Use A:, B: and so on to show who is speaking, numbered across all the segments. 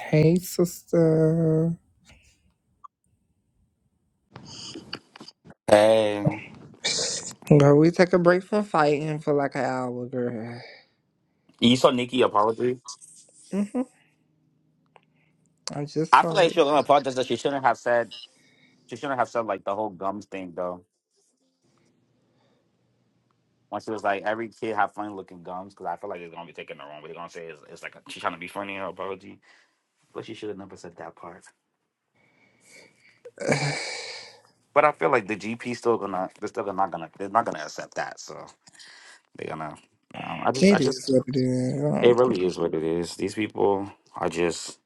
A: Hey, sister.
B: Hey,
A: Girl, we took a break from fighting for like an hour, girl.
B: you saw Nikki apology.
A: hmm I just
B: I
A: saw
B: feel like
A: it.
B: she was gonna apologize that she shouldn't have said. She shouldn't have said like the whole gums thing though. When she was like, every kid have funny looking gums, because I feel like it's gonna be taken the wrong way. They're gonna say it's, it's like she's trying to be funny in her apology, but she should have never said that part. But I feel like the GP still gonna, they're still not gonna, they're not gonna accept that. So they're gonna. Um, I just, I
A: It is
B: just,
A: what it is. Um,
B: it really is what it is. These people are just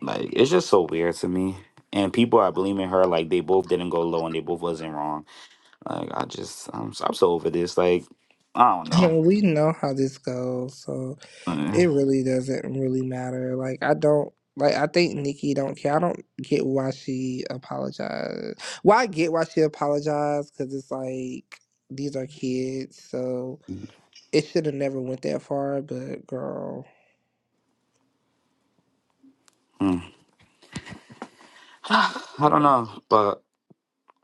B: like, it's just so weird to me. And people are blaming her like they both didn't go low and they both wasn't wrong Like I just I'm so- I'm so over this. Like I don't
A: I
B: know.
A: mean, we know how this goes, so
B: Uh,
A: it really doesn't really matter. Like, I don't. Like I think Nikki don't care. I don't get why she apologized. Well, I get why she apologized because it's like these are kids, so it should have never went that far. But girl,
B: mm. I
A: uh,
B: don't know, but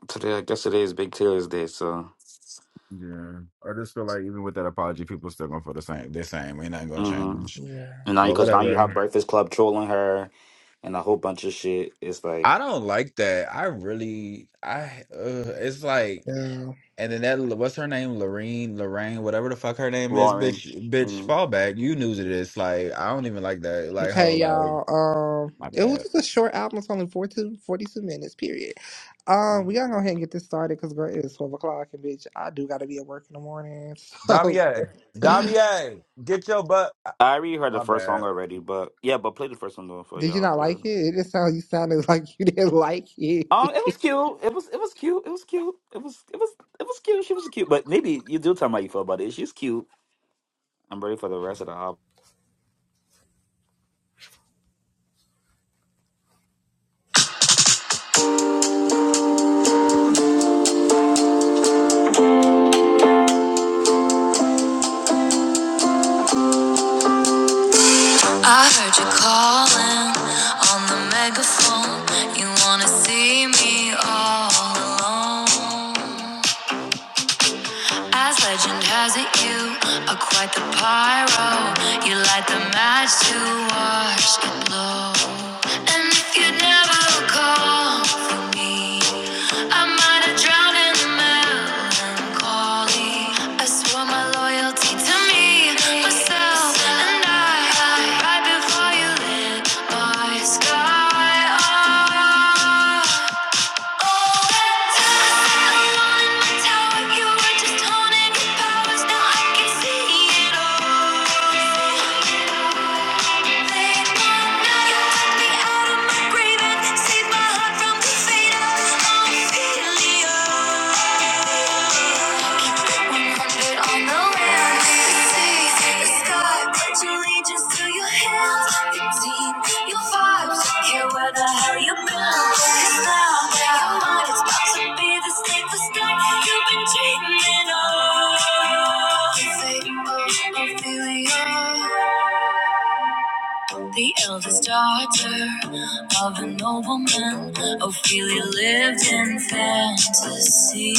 B: today I guess today is Big Taylor's Day, so
C: Yeah, I just feel like even with that apology, people still gonna feel the same. The same, ain't nothing gonna
B: hmm
C: change.
A: yeah,
B: and now
C: Well,
B: because now you
C: whatever.
B: have Breakfast Club trolling her and a whole bunch of shit. It's like
C: I don't like that. I really, I. Uh, it's like,
A: yeah.
C: and then that what's her name, Lorraine, Lorraine, whatever the fuck her name is,
B: Lauren.
C: bitch, bitch,
B: mm
C: fall back. You knew to this. Like, I don't even like that. Like, how,
A: Okay,
C: like,
A: y'all. Um,
C: my
A: it was
C: bad,
A: just a short album. It's only 42, 42 minutes, period. Um,
B: mm.
A: we gotta go ahead and get this started because girl, it is 12 o'clock and bitch, I do gotta be at work in the morning. So,
C: Damier, Damier, get your butt.
B: I already heard the
C: My
B: first
C: bad.
B: song already, but yeah, but play the first one though for
A: did you
B: y'all.
A: not
B: But
A: like it? It just sounds you sounded like you didn't like it.
B: um, it was cute. It was it was cute. It was cute. It was it was it was cute. She was cute, but maybe you do tell me how you feel about it. She's cute. I'm ready for the rest of the album.
A: I heard you calling on the megaphone. You wanna see me all alone. As legend has it, you are quite the pyro. You light the match to watch it blow. And if you never call for me, I might have drowned in the melancholy. I swore my loyalty to me, myself, and I. Right before you lit my sky up. Save my heart from the fate of ophelia 100 on the land. See the sky, pledge allegiance to your team, your vibes, hear where the hell you've 'Cause now your mind about to be the state for you've been dreaming of. Fate, oh, Ophelia. The eldest daughter of a nobleman, Ophelia lived in fantasy.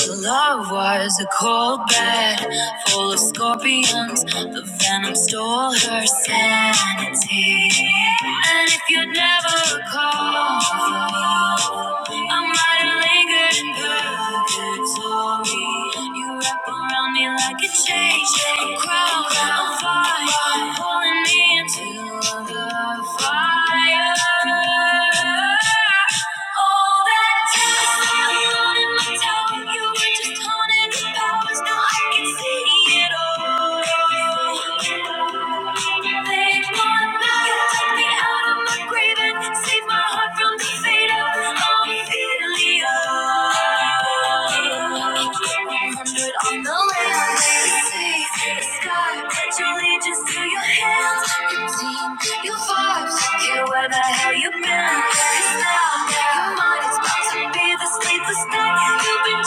A: Her love was a cold bed full of scorpions. The venom stole her sanity. And if you'd never call for me, I might have lingered in purgatory. You told me you wrap around me like a chain. I'm crowned, I'm fire, I'm pulling me into the fire. All that time you wanted my tower, you were just haunted with powers. Now I can see it all. Late one night, you took me out of my grave and saved my heart from the fate of all fear. On the land, see the sky. Pledge allegiance to your hands, your team, your vibes. Care where the hell you been? Cause now your mind is about to be the sleepless night you've been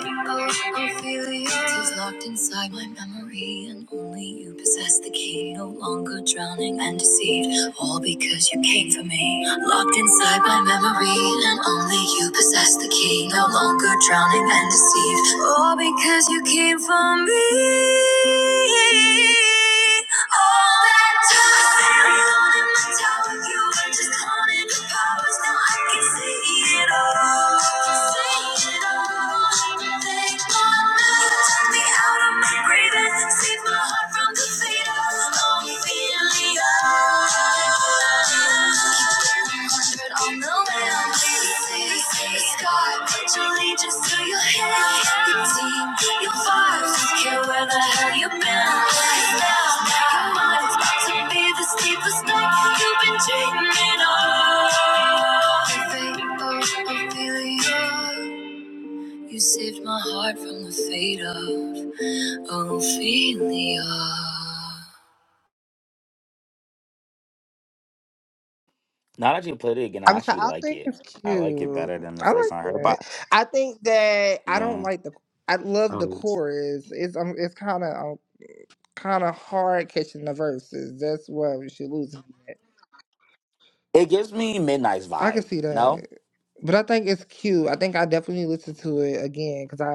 A: dreaming of. Favorable Ophelia, tears locked inside my memory, and only you possess the key. No longer drowning and deceived all because you came for me. Locked inside my memory, and only you possess the key. No longer drowning and deceived, all because you came for me. All that time, standing on in my tower, you were just haunting the powers. Now I can see it all. see it all. Thank God now you took me out of my grieving, saved my heart from defeat. I'm feeling but on the way, i The sky. put your allegiance to your hands. Your team, your vibes, don't care where the hell you've been. Cause now, your mind is about to be the steepest night you've been dreaming of. Ophelia, you saved my heart from the fate of Ophelia.
B: Now that you played it again, I
A: I was like,
B: actually
A: I
B: like
A: think
B: it.
A: it's
B: I like it
A: cute.
B: better than the
A: I
B: first
A: like
B: time I heard
A: that.
B: about.
A: I think that
B: it.
A: I don't
B: Yeah,
A: like the. I love the
B: Um,
A: chorus. It's um, it's kind of um, kind of hard catching the verses. That's why we should lose.
B: it gives me Midnight's
A: I can
B: vibe.
A: see that,
B: No,
A: but I think it's cute. I think I definitely listen to it again because I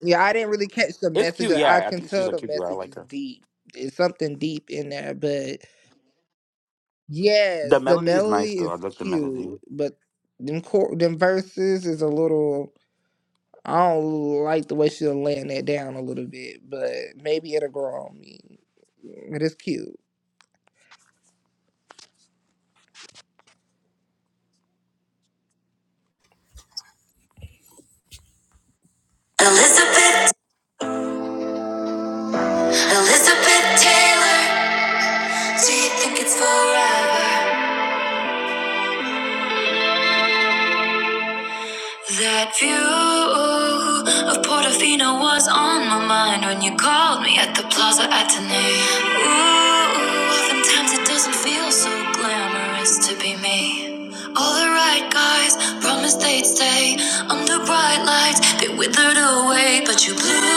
A: yeah I didn't really catch the
B: it's
A: message.
B: cute.
A: Like, I
B: Yeah, I
A: can
B: think she's
A: tell
B: a
A: the
B: cute girl. I
A: message
B: like
A: is
B: her.
A: deep. It's something deep in there, but
B: The
A: yes, the
B: melody is nice
A: melody
B: though. I
A: is
B: like the melody.
A: cute, but them cor- them verses is a little I don't like the way she's laying that down a little bit, but maybe it'll grow on me. It is cute. Elizabeth, Elizabeth Taylor, do you think it's forever? That view of Portofino was on my mind when you called me at the Plaza Atene. Ooh, oftentimes it doesn't feel so glamorous to be me. All the right guys promised they'd stay under bright lights. They withered away, but you blew.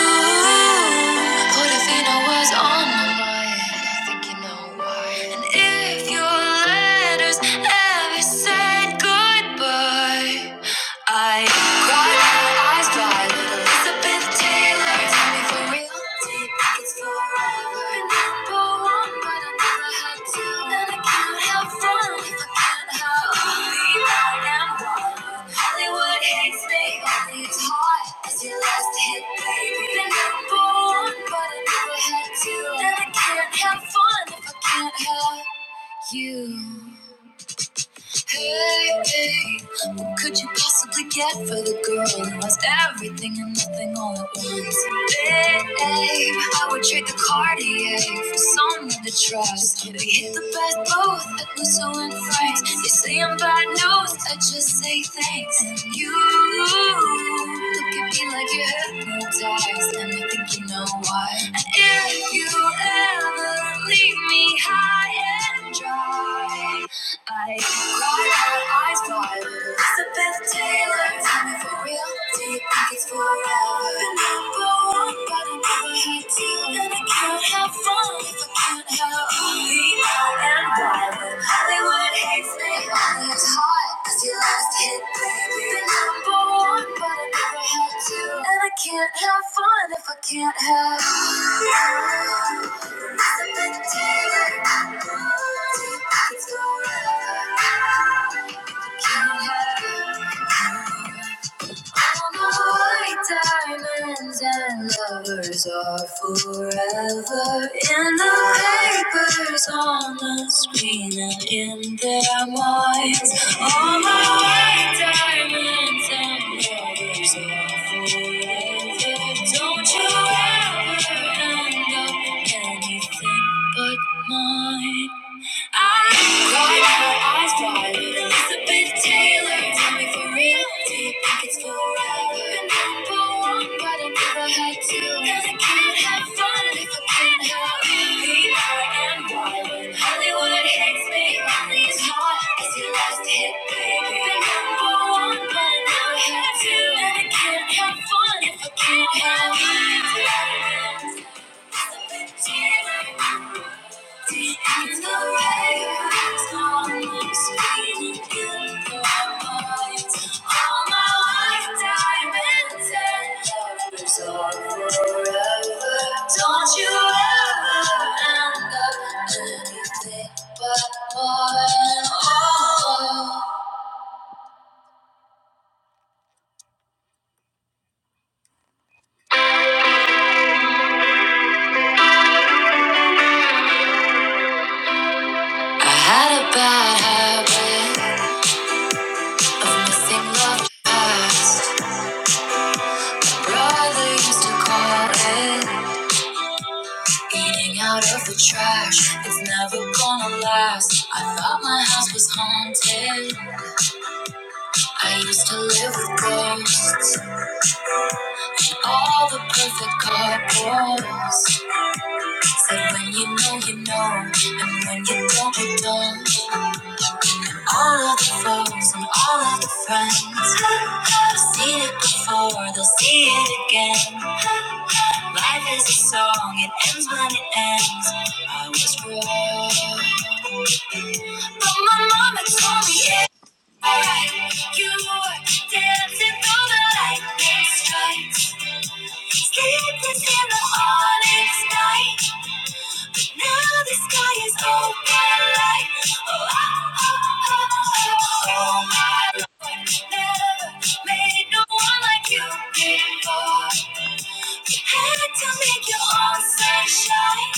A: Portofino was on my mind. I think you know why. And if your letters ever said goodbye. I cried my eyes dry, little Elizabeth Taylor. Tell me for real, deep, you it's forever? Been number one, but I never had to. And I can't have fun if I can't have be mine and wild. Hollywood hates me, only it's hot as your last hit, baby. Been number one, but I never had to. And I can't have fun if I can't have you. Hey, hey, what could you possibly get for the girl who has everything and nothing all at once? Babe, I would trade the Cartier for someone to trust. We hit the best both at Lusso and Frank's. You say I'm bad news, I just say thanks. And you look at me like you're hypnotized, and I think you know why. And if you ever leave me high and dry. I cried her eyes wide. Elizabeth Taylor, tell me for real. Do you think it's forever? Number one, but I never had to. And I can't have fun if I can't help. Be out and wild. Hollywood hates me. Only it's hot, cause you last hit, baby. The number one, but I never had to. And I can't have fun if I can't have. Elizabeth Taylor, can't have. All my white diamonds and lovers are forever in the papers, on the screen, and in their minds. All my white diamonds and lovers are forever. Don't you ever end up anything but mine. Elizabeth Taylor, tell me for real, do you think it's forever? number one, but I never had to. I can't have fun if I can't have me. and When Hollywood hates me, Molly's hot, cause you last hit, baby. number one, but never had to. And I can't have fun if I can't have don't you ever end up anything but more and more. I had a bad habit of missing love past. Brother used to call it eating out of the trash. It's never gonna last. I thought my house was haunted. I used to live with ghosts. And all the perfect couples said when you know, you know. And when you don't, you don't. All of the foes and all of the friends. I've seen it before, they'll see it again. Life is a song, it ends when it ends. I was wrong. But my mama told me it you were dancing through the lightning strikes. Sleepless in the onyx night. But now the sky is open light. Oh, oh, oh, oh, oh, oh my lord. Made no one like you before. You had to make your own sunshine.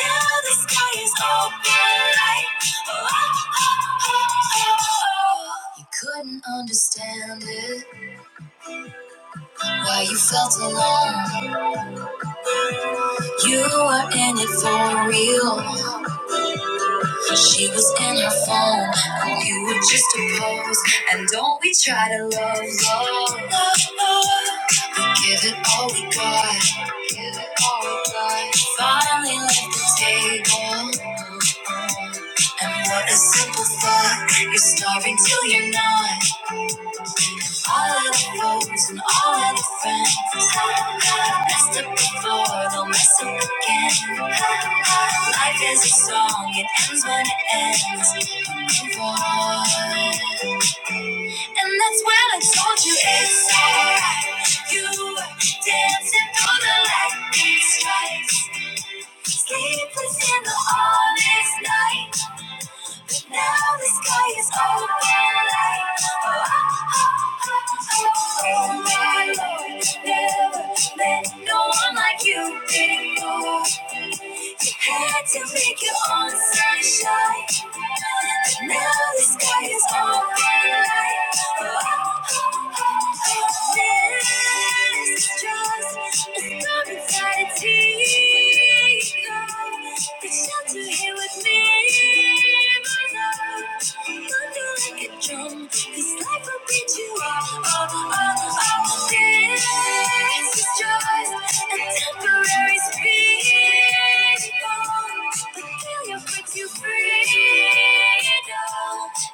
A: Now the sky is open like oh, oh, oh, oh, oh. You couldn't understand it. Why you felt alone? You
B: Sure.
A: were in it for real. Cause she was in her phone, and you were just a pose. And don't we try to love, love, love, love. Give it all we got, give it all we got. Finally left the table, and what a simple thought. You're starving till you're not. All of the roads and all of the friends messed up before, they'll mess up again. Life is a song, it ends when it ends. Move on. And that's when I told you it's alright. You were dancing through the lightning strikes, sleepless in the honest night. Now the sky is open like oh, oh, oh, oh, oh my Lord. Never met no one like you before. You had to make your own sunshine. And now the sky is open like oh, oh, oh, oh, this just is not inside a teacup. The shelter here with me.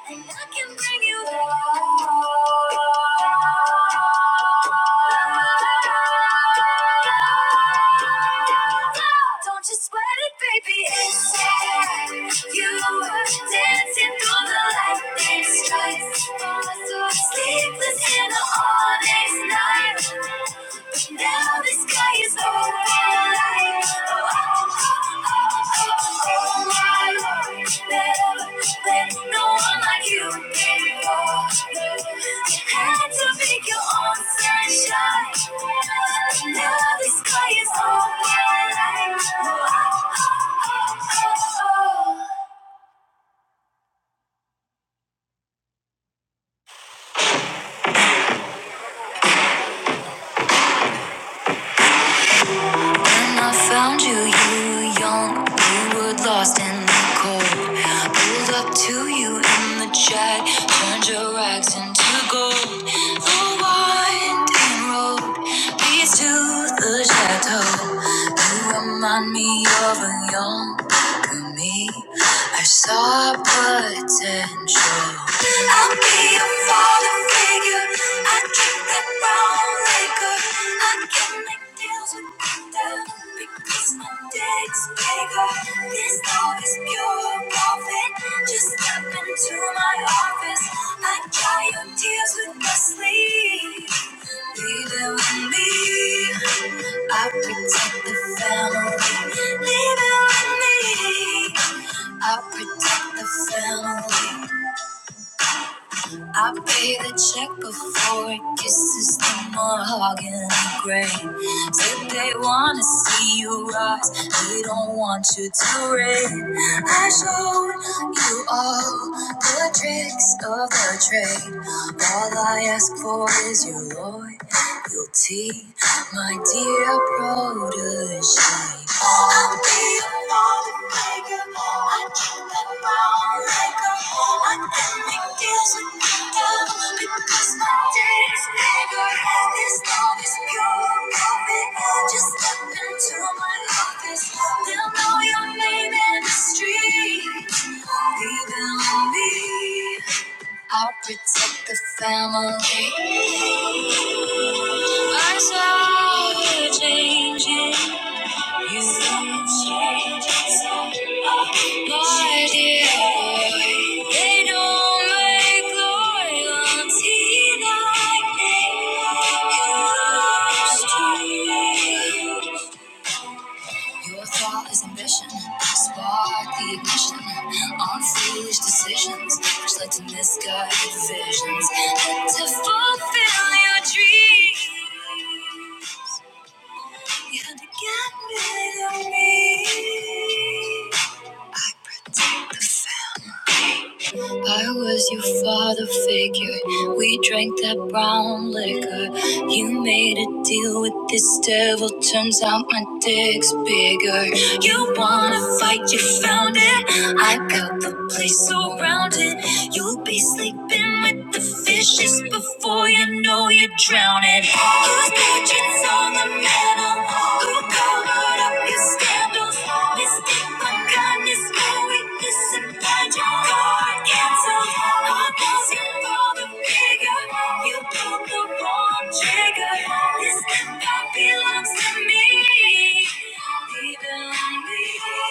A: And I can bring you home. Don't you sweat it, baby. It's you Dancing through the light, they strikes. Sleepless in the all day's night. Now the sky is open light. Oh, oh, oh, oh, oh, my Lord. Never let no one like you before. You had to make your own sunshine. Now the sky is open light. Oh, oh, oh, oh, oh. When I found you, you were young, we were lost in the cold. Pulled up to you in the jag, turned your rags into gold. The winding road leads to the chateau. You remind me of a younger me. I saw potential. I'll be a father figure. I dream Leave it with me. I protect the family. Leave it with me. I protect the family. I pay the check before it kisses the mahogany gray. Said they wanna see you rise, they don't want you to reign. I showed you all the tricks of the trade. All I ask for is your loyalty guilty, my dear protege. I'll be a troublemaker, I keep that lawmaker. I'm ending deals with the devil because my day is bigger and this love is pure profit. Just step into my office, they'll know your name in the street. Believe in me. I'll protect the family. I saw you changing. You changing. my dear boy. They don't make Glorians he like me. You lost to me. Your thought is ambition. Spark the ignition. On foolish decisions, which led to misguided visions. And to fulfill your dream, you had to get rid of me. I protect the fact. I was your father figure. We drank that brown liquor. You made a deal with this devil. Turns out my dick's bigger. You wanna fight, you found it. I got the place surrounded. You'll be sleeping with the vicious before you know you're drowning. Whose portraits on the mantle? Who covered up your scandals? Mistake for kindness, for weakness, and bad your card canceled. All those you for the figure, you pulled the wrong trigger. This empire belongs to me. Leave it on me. I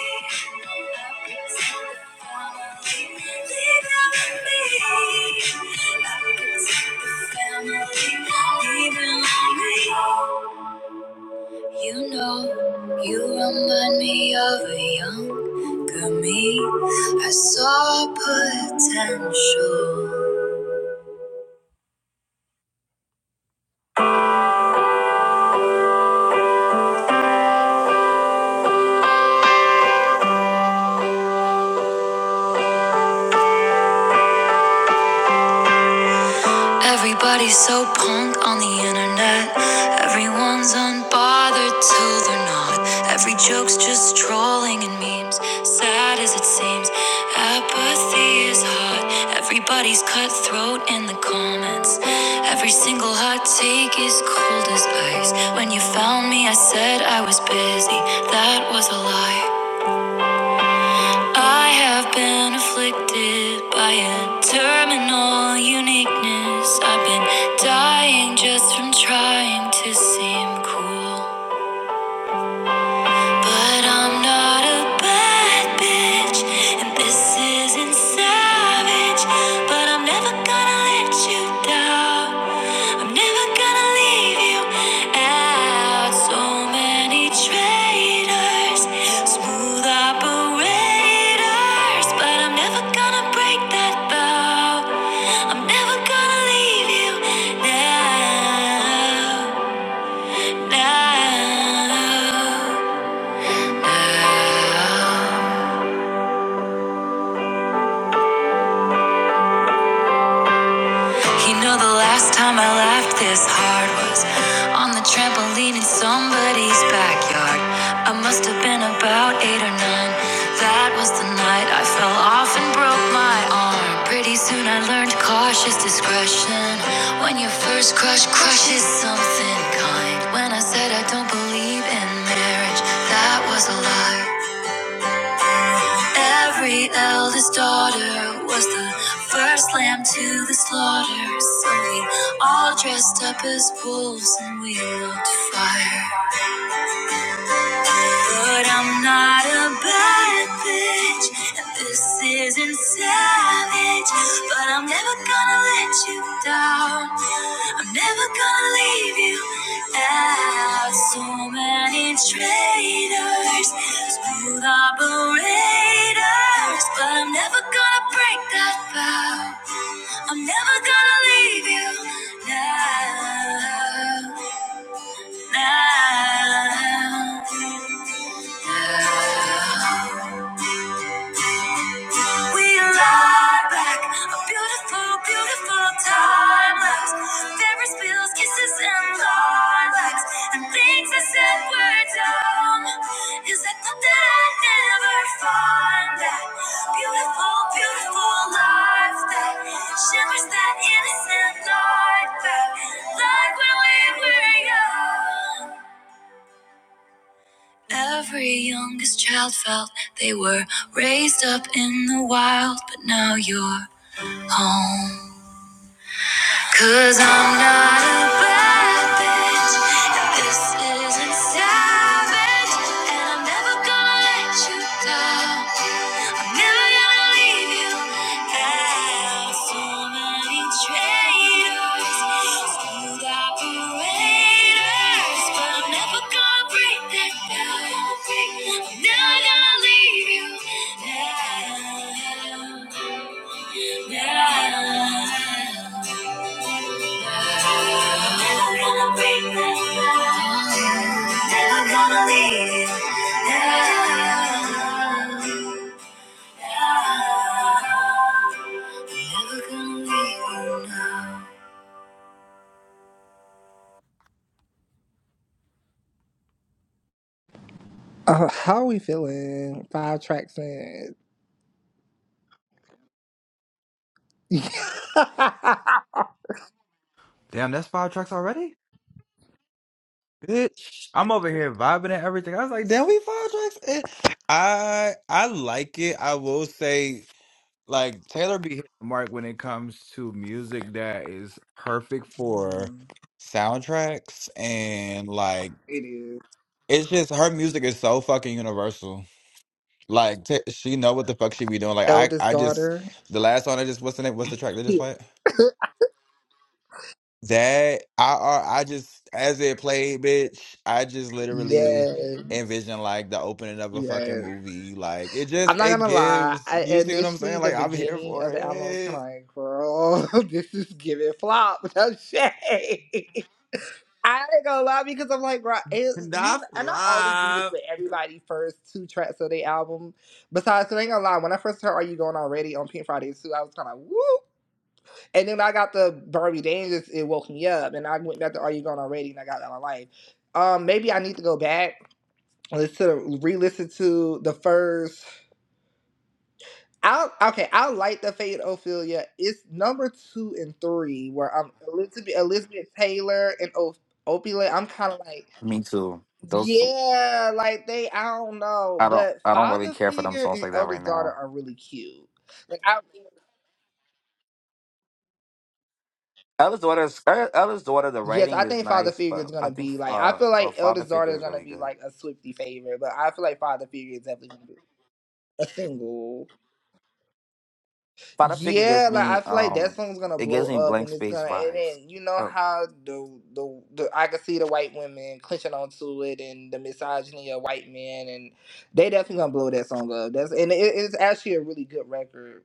A: protect the family. Leave it on me. I protect the family. Leave it on me. You know, you remind me of a younger me. I saw potential. Everybody's so punk on the internet. Everyone's unbothered till they're not. Every joke's just trolling and memes. Sad as it seems, apathy is hot. Everybody's cutthroat in the comments. Every single hot take is cold as ice. When you found me, I said I was busy. That was a lie. I have been afflicted by a terminal uniqueness. I've been dying just from trying to seem cool. But I'm not a bad bitch, and this isn't savage. But I'm never gonna let you down. I'm never gonna leave you out. So many traitors, smooth operators. But I'm never gonna break that vow. I'm never gonna leave you now, now. You know the last time I laughed this hard was on the trampoline in somebody's backyard. I must have been about eight or nine. That was the night I fell off and broke my arm. Pretty soon I learned cautious discretion. When your first crush crushes something kind. When I said I don't believe in marriage, that was a lie. Every eldest daughter was the first lamb to the slaughter. So we all dressed up as wolves and we looked fire. But I'm not a bad bitch, and this isn't savage. But I'm never gonna let you down. I'm never gonna leave you out. So many traitors, smooth operators. But I'm never gonna break that vow. I'm never gonna leave you now. Now. We arrive back, a beautiful, beautiful time lapse. Fairy spills, kisses, and lilacs, and things I said were dumb. Is that thought that I'd never find that beautiful, beautiful life that shimmers that innocent light back, like when we were young. Every youngest child felt they were raised up in the wild, but now you're home. Cause I'm not a bad bitch, and this isn't savage, and I'm never gonna let you down. I'm never gonna leave you out. So many traitors, skilled operators, but I'm never gonna break that down. I'm never gonna leave you now. now. Never gonna break that love. Never gonna leave it. Never gonna leave it. now. Uh, how we feeling? Five tracks in. it
C: Damn, that's five tracks already. bitch. I'm over here vibing and everything. I was like, damn, we five tracks. in. I I like it. I will say, like Taylor be hitting the mark when it comes to music that is perfect for soundtracks and like
A: is
C: it's just her music is so fucking universal. Like t- she know what the fuck she be doing. Like I
A: eldest
C: I just
A: daughter.
C: the last song I just what's the name? What's the track they just played? That I I I just as it played, bitch, I just literally
A: Yes,
C: envision like the opening of a fucking
A: yes.
C: movie. Like it just
A: I'm not
C: it
A: gonna lie.
C: gives
A: I,
C: you see what I'm
A: initially,
C: saying?
A: the
C: Like I'm here
A: beginning
C: for
A: of the album, I was kind
C: it.
A: of like, "Girl, this is giving flop." No shade. I ain't gonna lie because I'm like, right, it, you kn-
C: Not for
A: and I always do this
C: life.
A: with everybody first two tracks of the album. Besides, I ain't gonna lie, when I first heard "Are You Going Already" on Pink Friday too, I was kind of whoop. And then I got the Barbie Dangerous, it woke me up, and I went back to "Are You Going Already" and I got out of my life. Um, maybe I need to go back and listen, re-listen to the first. I okay, I like the fade Ophelia. It's number two and three where I'm Elizabeth Elizabeth Taylor and o- Ophelia. I'm kind of like,
B: Me too. Those
A: yeah, like they. I don't know,
B: I don't
A: but
B: I don't really
A: father
B: care for them
A: figure
B: songs
A: and
B: like that right
A: eldest daughter
B: now.
A: are really cute. Like I.
B: Ella's daughter's Er- Ella's daughter. The
A: Yes,
B: writing
A: I
B: is
A: think Father
B: nice,
A: Figure is
B: but I
A: gonna
B: think
A: be like. I
B: uh,
A: feel
B: uh
A: like
B: father
A: Eldest Daughter
B: figure
A: is
B: is
A: gonna
B: really
A: be
B: good.
A: like a Swifty favorite, but I feel like Father Figure is definitely gonna be a single.
B: Father figure gives
A: Yeah, like I
B: me
A: feel like
B: um
A: that song's gonna
B: it gives
A: blow
B: me
A: up,
B: blank
A: and it's
B: space
A: gonna, and
B: vibes.
A: then you know
B: Oh,
A: how the the, the I can see the white women clenching onto it, and the misogyny of white men, and they definitely gonna blow that song up. That's and it, it's actually a really good record.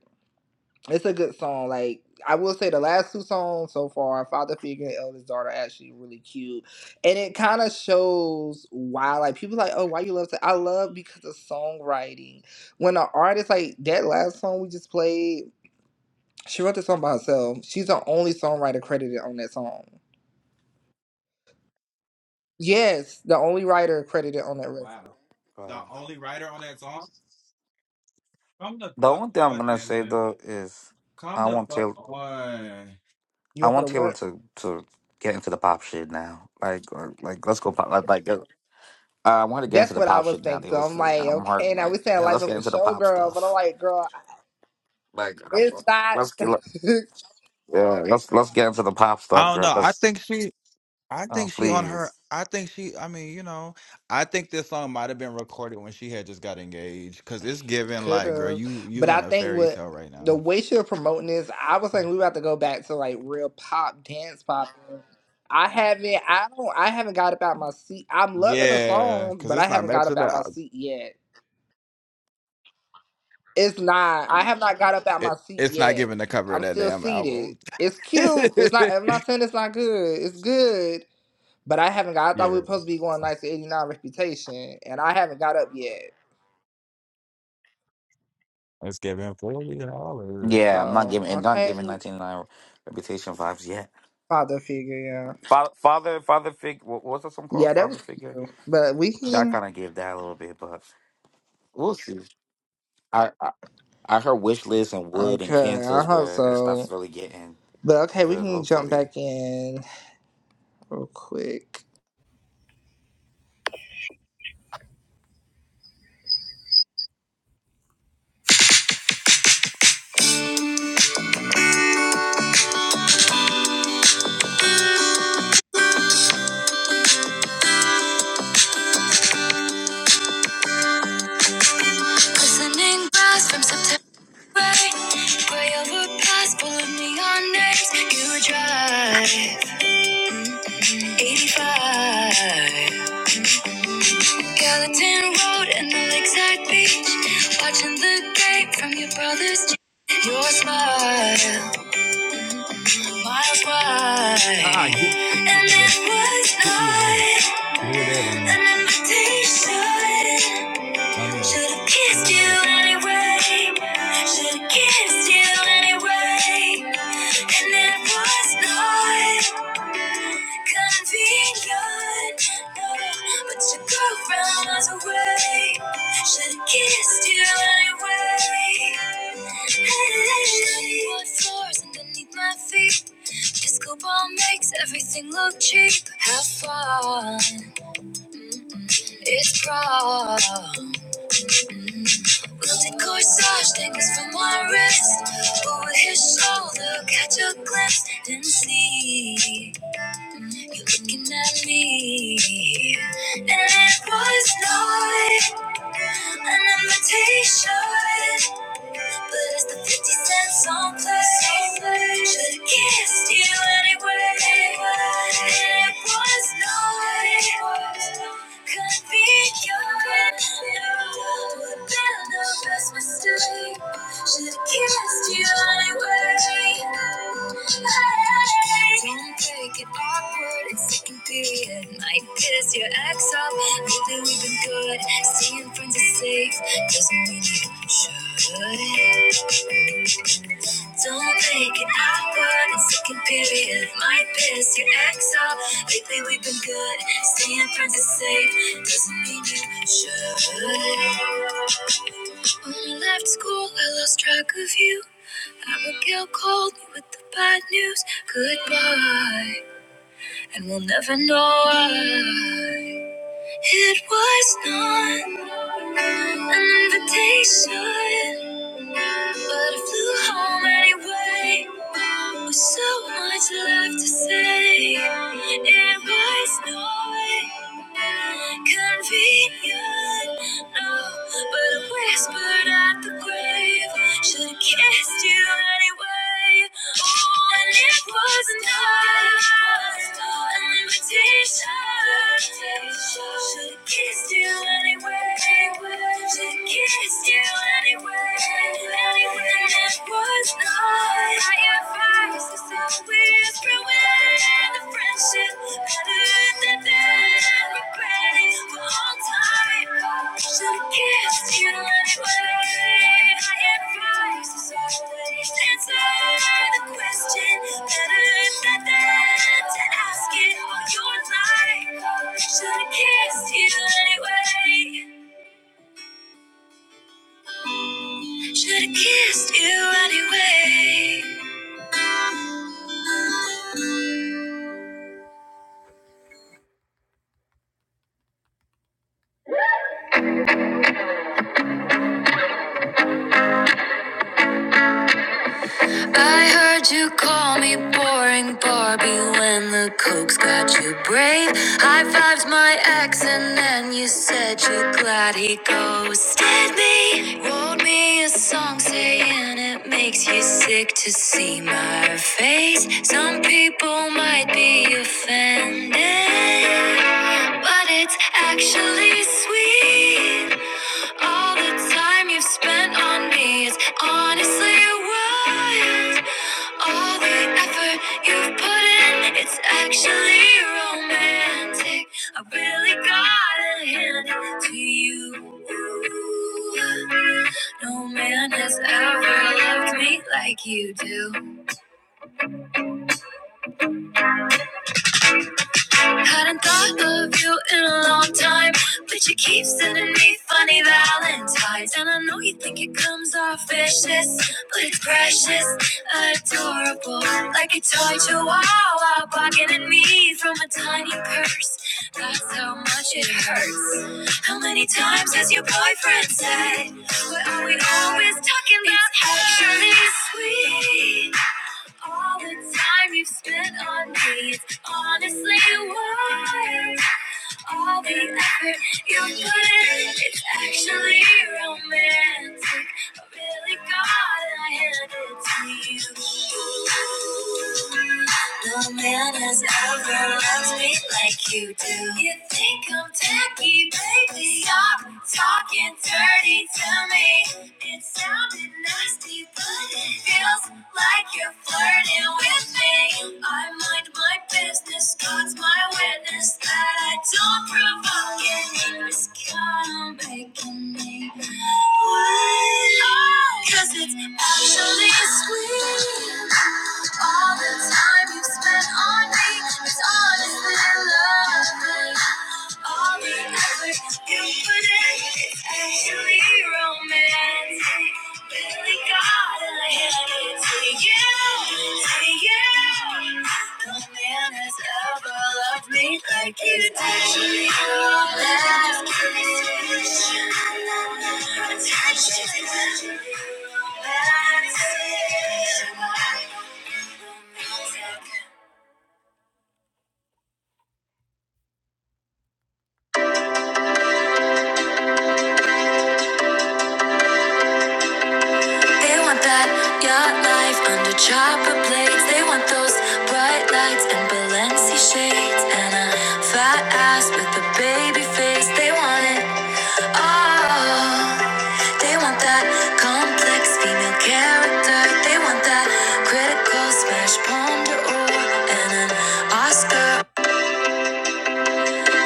A: It's a good song. Like I will say, the last two songs so far, "Father Figure" and "Eldest Daughter," are actually really cute, and it kind of shows why. Like people like, oh, why you love? To-? I love because of songwriting when an artist like that last song we just played. She wrote the song by herself. She's the only songwriter credited on that song. Yes, the only writer credited on that record.
C: Wow. The
B: wow.
C: only writer on that song? Come the
B: The
C: fuck
B: only thing I'm
C: on,
B: gonna say
C: Taylor.
B: though is
C: Come
B: I
C: the
B: want
C: fuck
B: Taylor.
C: on.
A: You
B: I
A: want her to
B: want Taylor
A: what?
B: to to get into the pop shit now. Like or, like let's go pop. Like, like uh, I want to get into
A: That's
B: the
A: what I
B: pop
A: was
B: shit now.
A: thinking.
B: It
A: So
B: was
A: I'm like,
B: I'm hard.
A: okay, now
B: Like
A: we saying
B: yeah,
A: life
B: let's
A: of
B: get
A: a
B: into the pop
A: showgirl, but I'm
B: stuff.
A: like, girl,
B: Like uh,
A: it's not.
B: let's get yeah, let's let's get into the pop stuff,
C: I don't
B: girl.
C: know. I
B: Cause
C: think she I
B: uh,
C: think she on her.
B: please.
C: I think she. I mean, you know, I think this song might have been recorded when she had just got engaged, cause it's giving
A: Could
C: like, girl,
A: have,
C: you
A: but
C: you in
A: I
C: a
A: think
C: fairy
A: what
C: tale right
A: the
C: now.
A: way she was promoting this, I was like, we about to go back to like real pop, dance pop. I haven't, I don't, I haven't got up out my seat. I'm loving the
C: Yeah,
A: songs,
C: cause
A: but I
C: it's not
A: haven't got up
C: matching the.
A: out my
C: al-
A: seat yet. It's not. I have not got up out my
C: It,
A: seat
C: it's not
A: yet.
C: giving the cover of
A: I'm
C: that
A: still
C: damn
A: seated.
C: album.
A: It's
C: yeah,
A: cute. It's not. I'm not saying it's not good. It's good, but I haven't got. I thought we were supposed to be going nice to 89 Reputation, and I haven't got up yet.
C: it's giving forty dollars.
B: Yeah, I'm not
A: So
B: giving and not
A: okay,
B: giving 1999 reputation vibes yet.
A: father figure. Yeah,
B: Father, father, father figure. What was that song called?
A: yeah, that
B: Father
A: was
B: figure.
A: cute. But we
B: That
A: can.
B: kind of gave that a little bit, but we'll see. I. I heard wish lists and wood
A: Okay,
B: and
A: I
B: cancels
A: hope
B: where it starts
A: so.
B: really getting
A: But okay, we
B: good.
A: can jump
B: Hopefully,
A: back in real quick. Glistening glass from September. Way over past full of neon names. You would drive 85. Gallatin Road and the Lakeside Beach. Watching the gate from your brother's. Jeep. Your smile, miles wide.
C: Ah, uh-uh, get, get get
A: And
C: me that.
A: it
C: Get me that.
A: was
C: Give me that. I
A: not
C: mean,
A: an invitation.
C: I mean,
A: Should've
C: give
A: kissed
C: me that.
A: you anyway. Should've kissed you anyway. And it was not convenient. No, but your girlfriend was away. Should've kissed you anyway. Hey, wood floors underneath my feet. Disco ball makes everything look cheap. Have fun, it's wrong. Guilty corsage dangles from my wrist. But with his shoulder, catch a glimpse, then see you looking at me. And it was not an invitation. But it's the 50 cent song play. Should've kissed you anyway. And it was no way. Could be your end. Would've been the best mistake. Should've kissed you anyway. Hey, don't take it awkward. It's second period. Might piss your ex off. Lately we've been good, staying friends is safe, doesn't mean you should. Don't make it awkward, in second period might piss your ex off. Lately we've been good, staying friends is safe, doesn't mean you should. When I left school, I lost track of you. Abigail called me with the bad news, goodbye, and we'll never know why. It was not an invitation, but I flew home anyway. With so much left to say, it was not convenient now, but I whispered at the grave. Should have kissed you anyway. Oh, and it wasn't an invitation. Should have kissed you anyway. Should have kissed you anyway. Anyway, and it was not my advice. It's always ruined the friendship better than regret. Should've kissed you anyway. I heard you call me boring Barbie when the coke's got you brave. High fived my ex, and then you said you're glad he ghosted me. Wrote me a song saying it makes you sick to see my face. Some people might be offended. but but it's actually sweet. All the time you've spent on me is honestly wild. All the effort you've put in, it's actually romantic. I really gotta hand it to you. No man has ever loved me like you do. Hadn't thought of you in a long time, but you keep sending me funny valentines. And I know you think it comes off vicious, but it's precious, adorable. Like a toy chihuahua barking at me from a tiny purse. That's how much it hurts. How many times has your boyfriend said, What are we always talking about? It's actually sweet. All the time you've spent on me, it's honestly wild. All the effort you put in, it's actually romantic. Really, God, I hand it to you. No man has ever loved me like you do. You think I'm tacky, baby? Stop talking dirty to me. It sounded nasty, but it feels like you're flirting with me. I mind my business witness, God's my witness that I don't provoke any miscommunication. me. Cause it's actually sweet. All the time you have spent on me is honestly lovely. All the effort you put in is actually romance. Really gotta hand it to you, to you. No man has ever loved me like you did. Last kiss. Attention. That's it. They want that yacht life under chopper blades. They want those bright lights and Balenci shades and a fat ass with a baby face. They want it all. They want that complex female character. They want that critical smash ponder or and an Oscar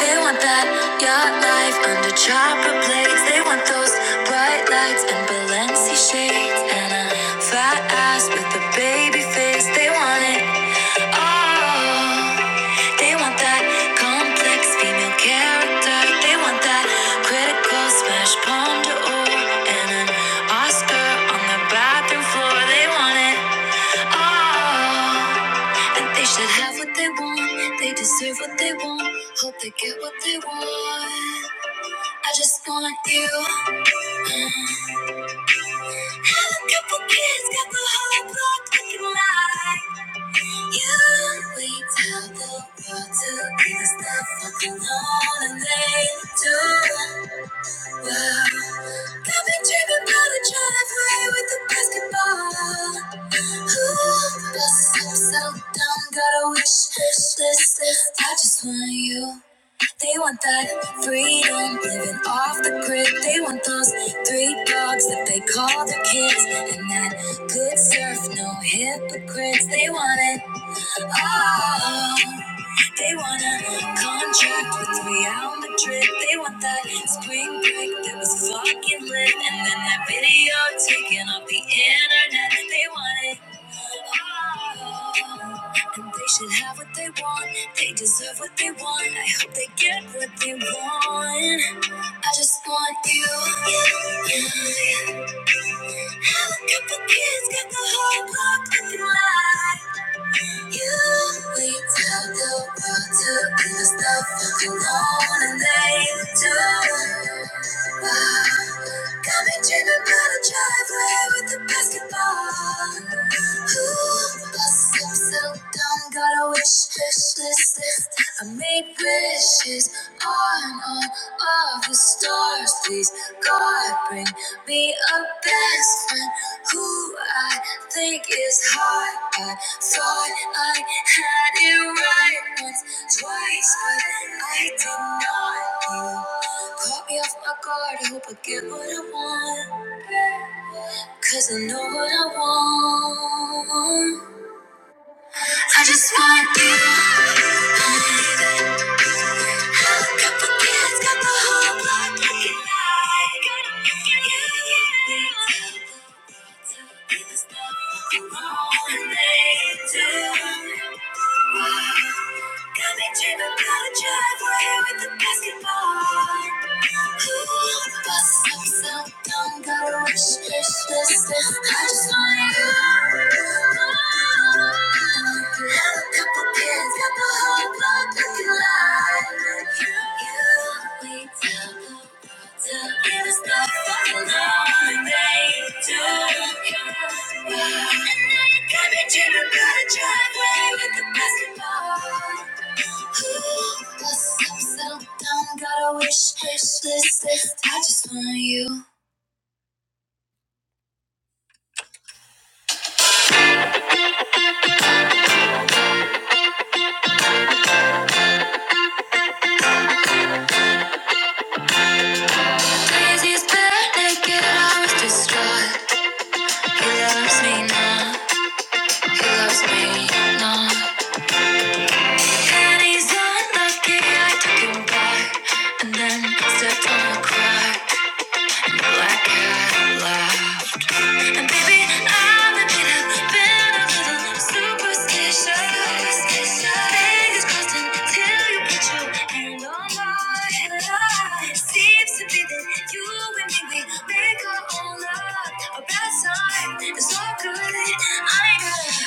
A: they want that yacht life under chopper plates. They want those bright lights and Balenci shades and a fat ass with a baby face. They want it all. They want that complex female character. They want that critical smash palm d'or and an Oscar on the bathroom floor. They want it. Ah, and they should have what they want. They deserve what they want. Hope they get what they want. I just want you. A couple kids got the whole block looking like you. We tell the world to give us the fuck alone, and they do. Well, I've been dreaming about a driveway with a basketball. Settle down, gotta wish this, this, this. I just want you. They want that freedom, living off the grid. They want those three dogs that they call their kids, and that good surf, no hypocrites. They want it all. They want a contract with me out on the trip. They want that spring break that was fucking lit. And then that video taken off the internet. They want it. all. And they should have what they want. They deserve what they want. I hope they get what they want. I just want you. you, you. Have a couple kids, got the whole block looking live. You tell the world to give us the fucking on and they do. Got me dreaming about a driveway with a basketball. Ooh, I'm so dumb, got a wish, wish list, list. I made wishes on all of the stars. Please, God, bring me a best friend who I think is hot. I thought I had it right once, twice, but I did not. You Caught me off my guard, I hope I get what I want. Cause I know what I want. I just want you. I've got the kids, got the whole block looking like. You. Be the stuff that wrong and they do. Coming to the powder driveway with the basketball. Ooh, the bus stop so not gotta rush, rush, rush, rush. I just want you. Have a couple kids, got the whole block looking like you. I just want you. Daisy's bare naked, I was distraught. He loves me now, he loves me now. Panties unlucky, I took him back and then stepped on a crack. Black cat laugh. And baby, I've been a little superstitious. Fingers crossed until you put your hand on mine. Seems to be that you and me, we make our own love. Our bad side is all good. I ain't gotta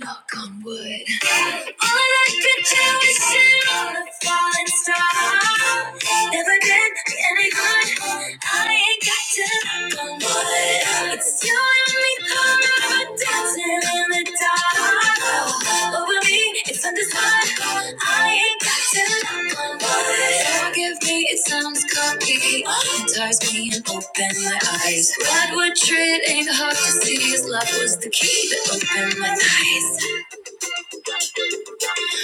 A: knock on wood. All I could do is sit on a falling star. Never been any good. I ain't got to knock on wood. It's you and me, corner, dancing in the dark. Over me, it's undeniable. I ain't got to know my Forgive me, it sounds cocky. Ties me and open my eyes. Redwood tree it ain't hard to see. His love was the key that opened my eyes.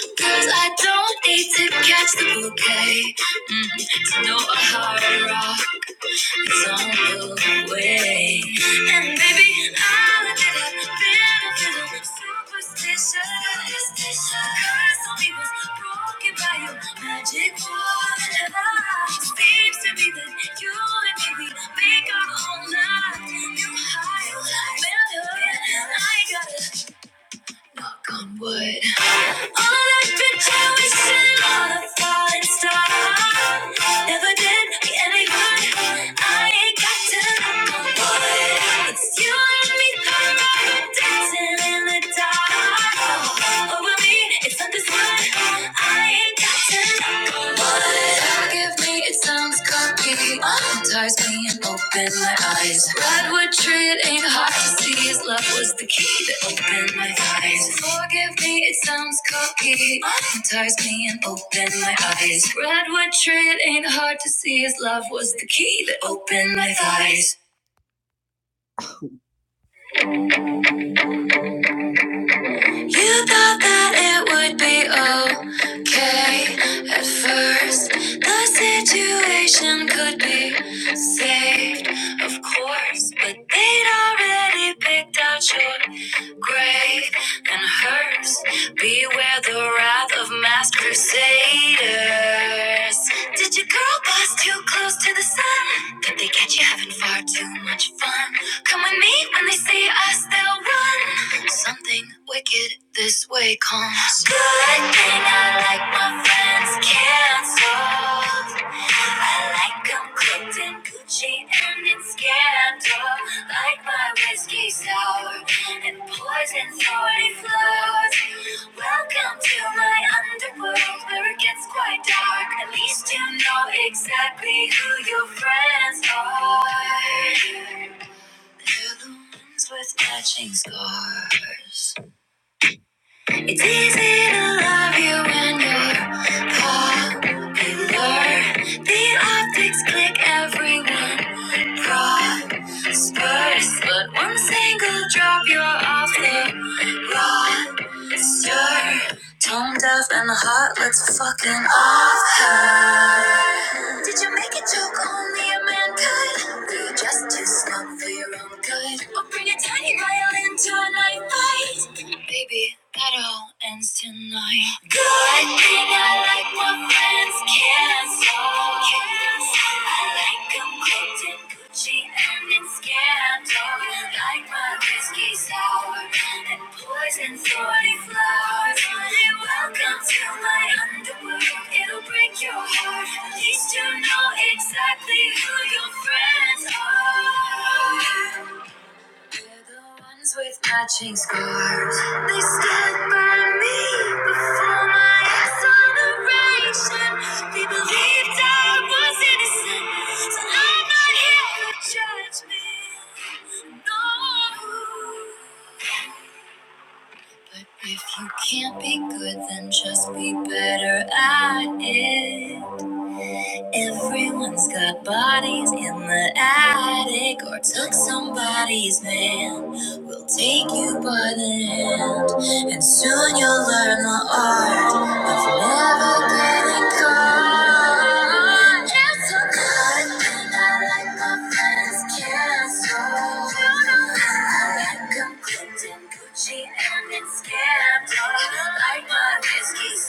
A: Cause I don't need to catch the bouquet mm, to know a heart. rock. Don't you wait. And baby, I'll admit i a little superstitious. The curse on me was broken by your magic wand. Seems to me that you and me, make our own love. You high, mellow, I got it knock on wood. All I've been chasing on a falling star. Never did me any good. I ain't got to knock on wood. It's you and me forever dancing in the dark over me. It's not this one. I ain't got to know what. it Forgive me, it sounds cocky. Ties me and open my eyes. Redwood tree, it ain't hard to see. His love was the key that opened my eyes. Forgive me, it sounds cocky. Ties me and open my eyes. Redwood tree, it ain't hard to see. His love was the key that opened my eyes. You thought that it would be okay at first. The situation could be saved, of course, but they'd already picked out your grave and hers. Beware the wrath of mass crusaders. Did your girl pass too close to the sun? Did they catch you having far too much fun? Come with me when they see us, they'll run. Something wicked this way comes. Good thing I like my friends canceled. I like 'em cooked in Gucci and in scandal. Like my whiskey sour and poison 40 flows. Welcome to my underworld where it gets quite dark. At least you know exactly who your friends are. They're the ones with matching scars. It's easy to love you when you're popular. The optics click, everyone prospers. But one single drop, you're off the rock because You're tone deaf and hot. Let's fucking off her. Did you make a joke on me, a mankind? You're just too smug for your own good. Or bring a tiny violin to a night fight. Baby, that all ends tonight. Good thing I like what friends can't solve. I like 'em Concocted Gucci and it's scandal. Like my whiskey sour and poison 40 flowers. Welcome to my underworld. It'll break your heart. At least you know exactly who your friends are. They're the ones with matching scars. They stood by me before my exoneration. They believed I was innocent, so I'm not here to judge me. No. But if you can't be good, then just be better at it. Everyone's got bodies in the attic or took somebody's man. We'll take you by the hand, and soon you'll learn the art of never getting caught. It's a good thing I like my friends canceled. I like them. clipped in Gucci and it's scammed. I Like my whiskey sour.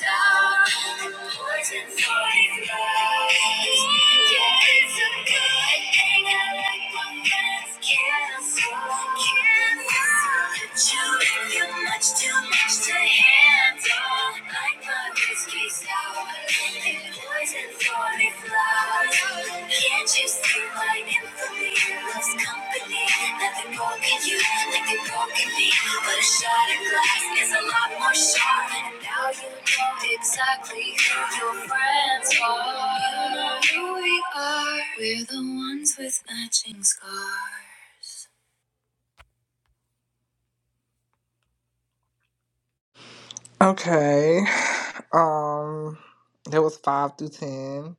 A: Too much to handle, like my whiskey sour, and poison for me Can't you see my infamy loves company? Nothing more can you, nothing more can be. But a shot of glass is a lot more sharp. And now you know exactly who your friends are. You know who we are. We're the ones with matching scars. Okay. Um that was five through ten.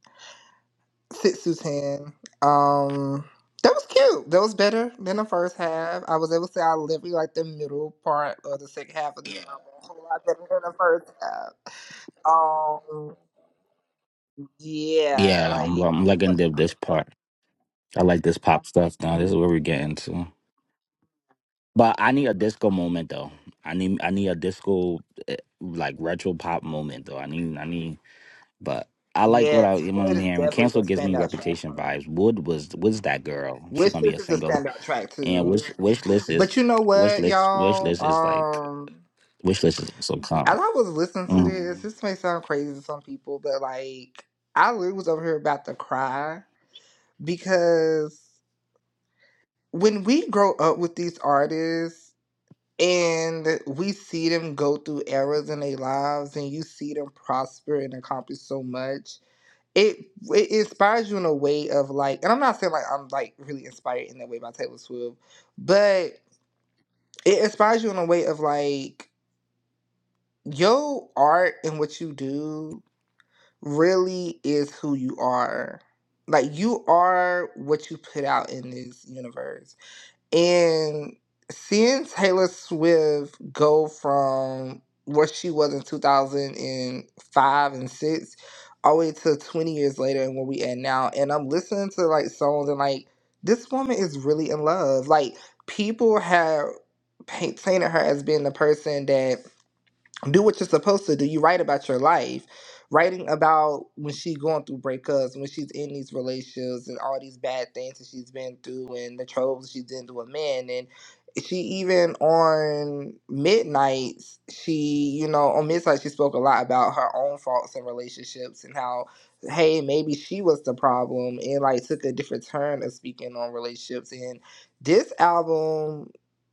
A: Six through ten. Um that was cute. That was better than the first half. I was able to say I literally like the middle part of the second half of the album. A whole lot better than the first half. Um yeah,
B: Yeah, I'm
A: like
B: I'm liking the, this part. I like this pop stuff now. This is where we're getting to. But I need a disco moment though. I need I need a disco eh, like retro pop moment though. I need I need. But I like what,
A: Yes,
B: I, what
A: Wood
B: I'm
A: is
B: hearing.
A: definitely the
B: Cancel gives me
A: standout track
B: reputation
A: on it.
B: vibes. Wood was was that girl. She's
A: Wish
B: gonna be a
A: List is a
B: single.
A: standout track
B: And
A: too.
B: wish wish list is
A: But you know
B: wish
A: what,
B: list wish
A: y'all?
B: list is like
A: Um,
B: wish list is so
A: as
B: common.
A: I was listening to this, this may sound crazy to some people, but like I literally was over here about to cry because when we grow up with these artists and we see them go through eras in their lives and you see them prosper and accomplish so much it it inspires you in a way of like and i'm not saying like i'm like really inspired in that way by taylor swift but it inspires you in a way of like your art and what you do really is who you are like you are what you put out in this universe and seeing Taylor Swift go from what she was in 2005 and 6 all the way to 20 years later and where we at now. And I'm listening to like songs and like this woman is really in love. Like people have paint- painted her as being the person that do what you're supposed to do. You write about your life, writing about when she's going through breakups, when she's in these relationships, and all these bad things that she's been through, and the troubles she's into with men. And she even on midnights, she you know on midnight she spoke a lot about her own faults in relationships and how hey maybe she was the problem and like took a different turn of speaking on relationships and this album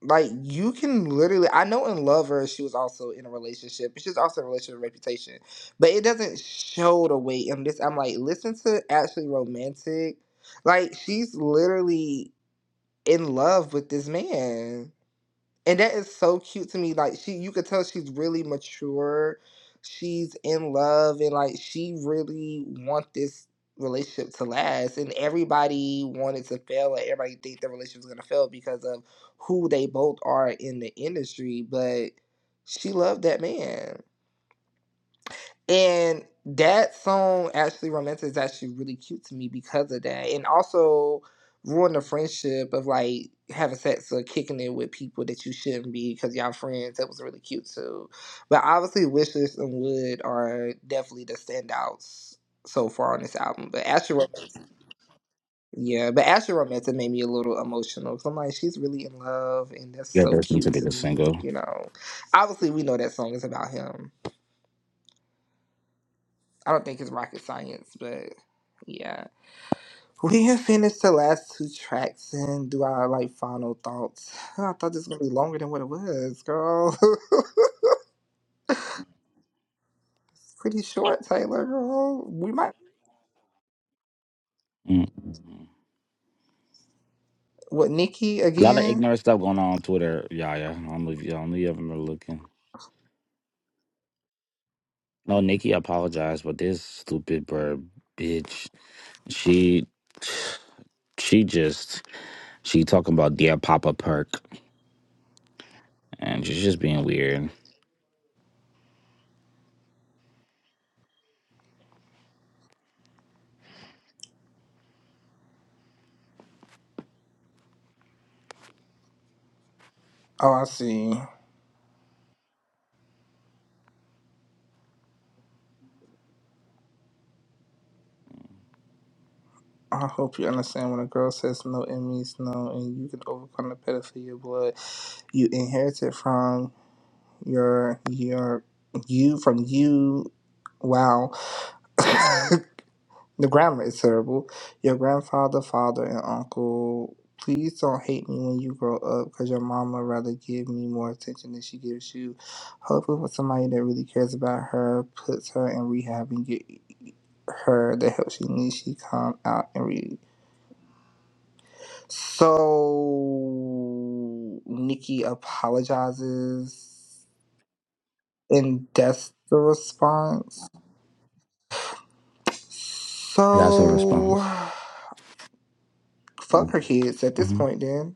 A: like you can literally, I know in Lover she was also in a relationship, but she's also in a relationship with Reputation, but it doesn't show the way in this. I'm like, listen to actually romantic, like she's literally in love with this man and that is so cute to me like she you could tell she's really mature she's in love and like she really want this relationship to last and everybody wanted to fail and everybody think the relationship was going to fail because of who they both are in the industry but she loved that man and that song actually Romantic is actually really cute to me because of that. And also ruin the friendship of like having sex or kicking it with people that you shouldn't be because y'all friends. That was really cute too. But obviously Wishlist and Wood are definitely the standouts so far on this album. But Astro Romantic- yeah, but Astro Romantic made me a little emotional. i I'm like, she's really in love and that's
B: Yeah,
A: so
B: there's some
A: cute to
B: niggas
A: me.
B: single.
A: You know. Obviously we know that song is about him I don't think it's rocket science, but yeah. We have finished the last two tracks and do our like final thoughts. I thought this was gonna be longer than what it was, girl. Pretty short, Taylor, girl. We might
B: mm mm.
A: what Nikki
B: A lot of
A: again?
B: ignorant stuff going on on Twitter, Yaya. I don't know if you, I don't know if you ever looking. No, Nikki apologized, but this stupid bird bitch, she, she just, she talking about dear Papa Perk, and she's just being weird.
A: Oh, I see. I hope you understand when a girl says no, it means no, and you can overcome the pedophilia blood you inherited from your your you from you. Wow. The grammar is terrible. Your grandfather, father, and uncle. Please don't hate me when you grow up because your mama rather give me more attention than she gives you. Hopefully, for somebody that really cares about her, puts her in rehab and get her the help she needs, she come out and read. So, Nikki apologizes, and that's the response.
B: That's her response.
A: So. Fuck her kids at this
B: hmm
A: point, then.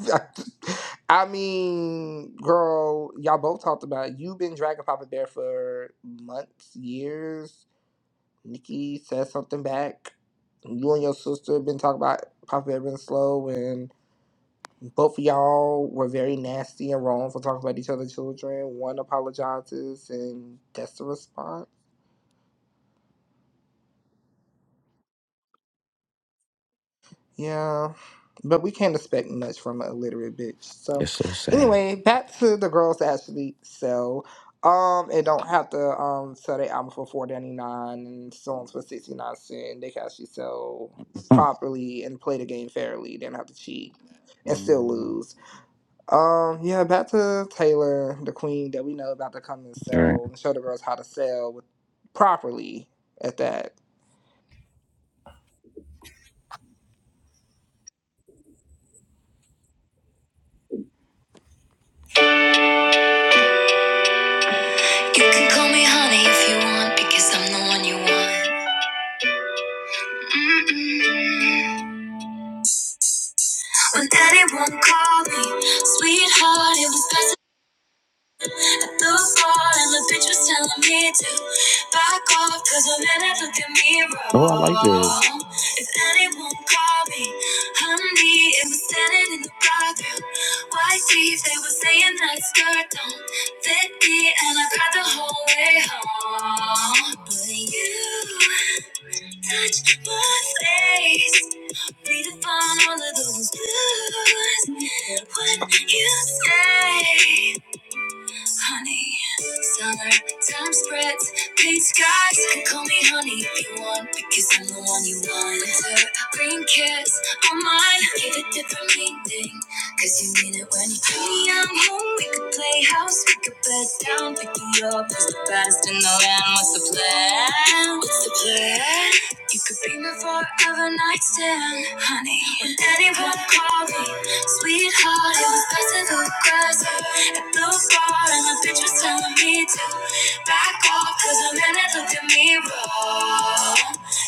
A: I mean, girl, y'all both talked about it. You've been dragging Papa Bear for months, years. Nikki said something back. You and your sister been talking about Papa Bear being slow, and both of y'all were very nasty and wrong for talking about each other's children. One apologizes, and that's the response. Yeah, but we can't expect much from an illiterate bitch. So,
B: It's so sad.
A: anyway, back to the girls that actually sell. Um, and don't have to um sell their album for four ninety nine and songs for sixty nine cent. They can actually sell
B: Mm.
A: properly and play the game fairly. They don't have to cheat and still
B: Mm.
A: lose. Um, yeah, back to Taylor, the queen that we know about to come and
B: All Right.
A: sell and show the girls how to sell with, properly at that. You can call me honey if you want because I'm the one you want. When daddy won't call me. Sweetheart, it was best at the bar and the bitch was telling me to back off, cause a minute look at me
B: Oh, I like this.
A: wrong. If daddy won't call me, honey, it was standing in the bathroom. White teeth, they were saying that skirt don't fit me, and I cried the whole way home. But you touched my face. Breathe upon all of those blues when you say honey. Summertime spreads, pink skies. You Call me honey if you want, because I'm the one you want. Winter, green kiss on mine. Give it different meaning, because you mean it when you call me. I'm home, we could play house, we could bed down. Pick you up, it's the best in the land. What's the plan? What's the plan? You could be my forever nightstand, honey. When anyone call me, Sweetheart, it was best to go crazy. It looks hard, and the bitch was telling me to back off, cause the minute looked at me wrong.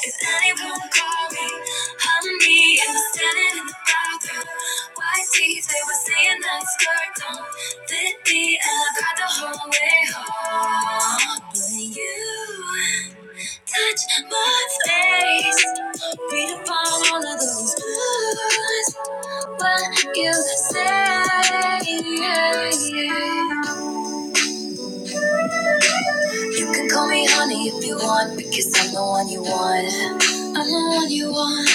A: If anyone called me, honey, it was standing in the bathroom. White teeth, they were saying that skirt don't fit me, and I cried the whole way home. But you. Touch my face. Read upon all of those words. What you say. You can call me honey if you want, because I'm the one you want. I'm the one you want.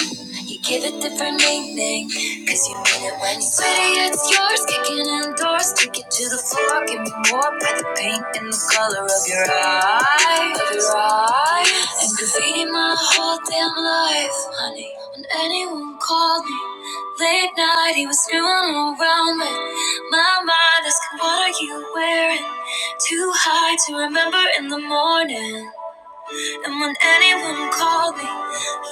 A: You give it different nickname, cause you mean it when you Sweetie, it's yours, kicking indoors. Take it to the floor, give me more by the paint and the color of your eye. Of your eye. And graffiti my whole damn life, honey. When anyone called me, late night, he was screwing around with my mind asking, What are you wearing? Too hard to remember in the morning. And when anyone called me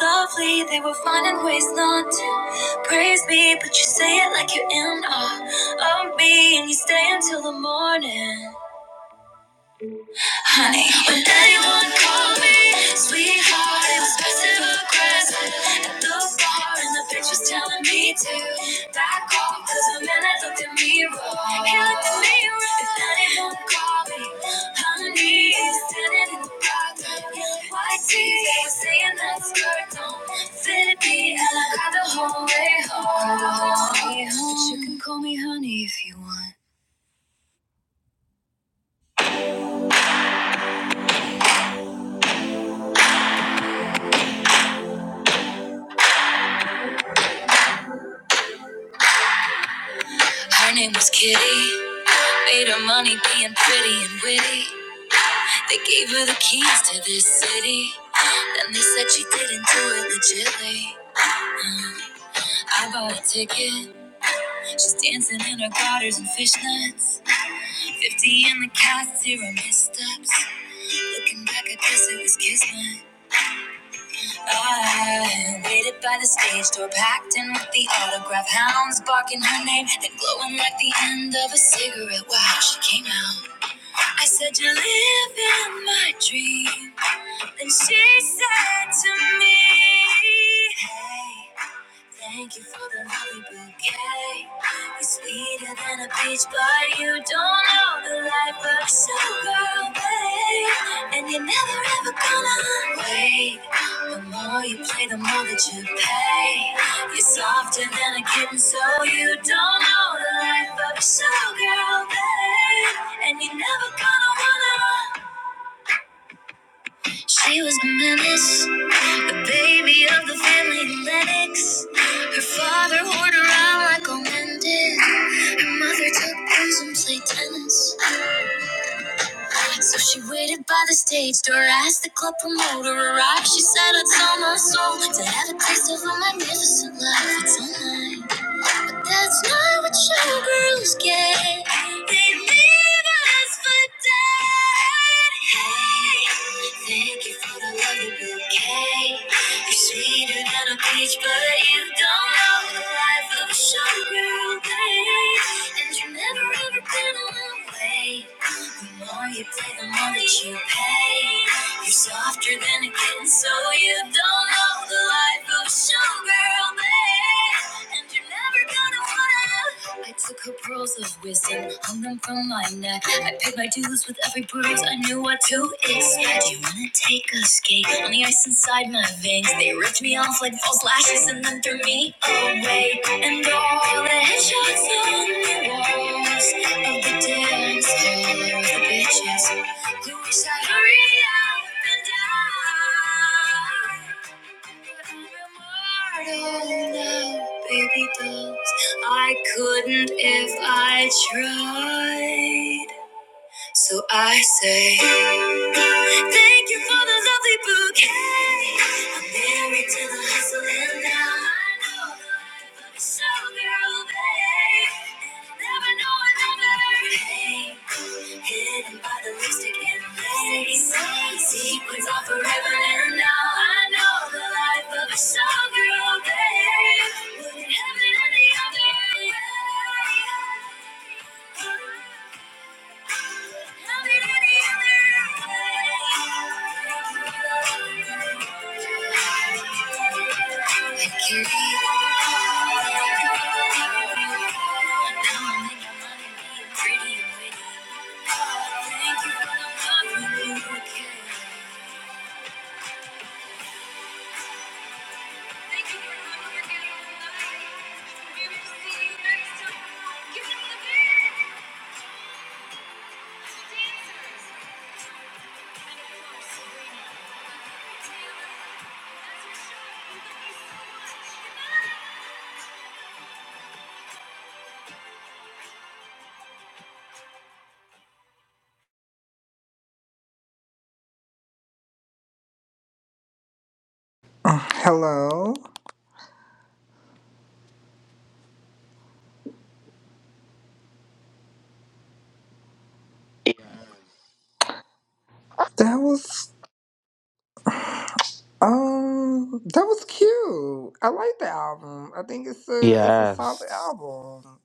A: lovely, they were finding ways not to praise me. But you say it like you're in awe of me, and you stay until the morning honey. When anyone called me sweetheart, it was passive aggressive. At the bar, and the bitch was telling me to back off, cause the man had looked at me wrong. He looked at me wrong. If anyone called me honey, it was standing in the bathroom. White tee, they were saying that skirt don't fit me, and I cried Cried the whole way home. But you can call me honey if you want. Her name was Kitty. Made her money being pretty and witty. They gave her the keys to this city. Then they said she didn't do it legitly. I bought a ticket. She's dancing in her garters and fishnets. 50 in the cast, zero missteps. Looking back, I guess it was kismet. I waited by the stage door, packed in with the autograph hounds, barking her name, then glowing like the end of a cigarette. Wow, she came out. I said, You're living my dream. And she said to me, Hey, thank you for the lovely bouquet. You're sweeter than a peach, but you don't know the life of a girl, babe. And you're never ever gonna wait. The more you play, the more that you pay. You're softer than a kitten, so you don't know the life of a girl, babe. And you're never gonna wanna. She was a menace, the baby of the family Lennox. Her father whored around like a man did. Her mother took booze and played tennis. So she waited by the stage door, asked the club promoter arrived. She said, It's on my soul to have a taste of a magnificent life. It's online. But that's not what showgirls get. They leave us for dead. Hey, thank you for the lovely bouquet. You're sweeter than a peach, but you don't know the life of a showgirl. babe. And you've never ever been away. The more you play, the more that you pay. You're softer than a kitten, so you don't know the life of a showgirl, babe. And you're never gonna wanna. I took her pearls of wisdom, hung them from my my neck. I paid my dues with every bruise I knew what to expect. You wanna take a skate on the ice inside my veins? They ripped me off like false lashes and then threw me away. And all the headshots on the walls of the dance floor, of the bitches who wish I'd hurry up and die immortal now, baby dolls. I couldn't if I tried. So I say, Thank you for the lovely bouquet. I'm married to the hustle and I know the show girl, babe. And I never know another. Hey, hidden by the lipstick and lace. Sequins are forever and now I know the life of a showgirl, babe. Wouldn't have it any other way. Thank you. Uh, Hello. That was um that was cute. I like the album. I think it's a it's a solid
B: Yes.
A: album.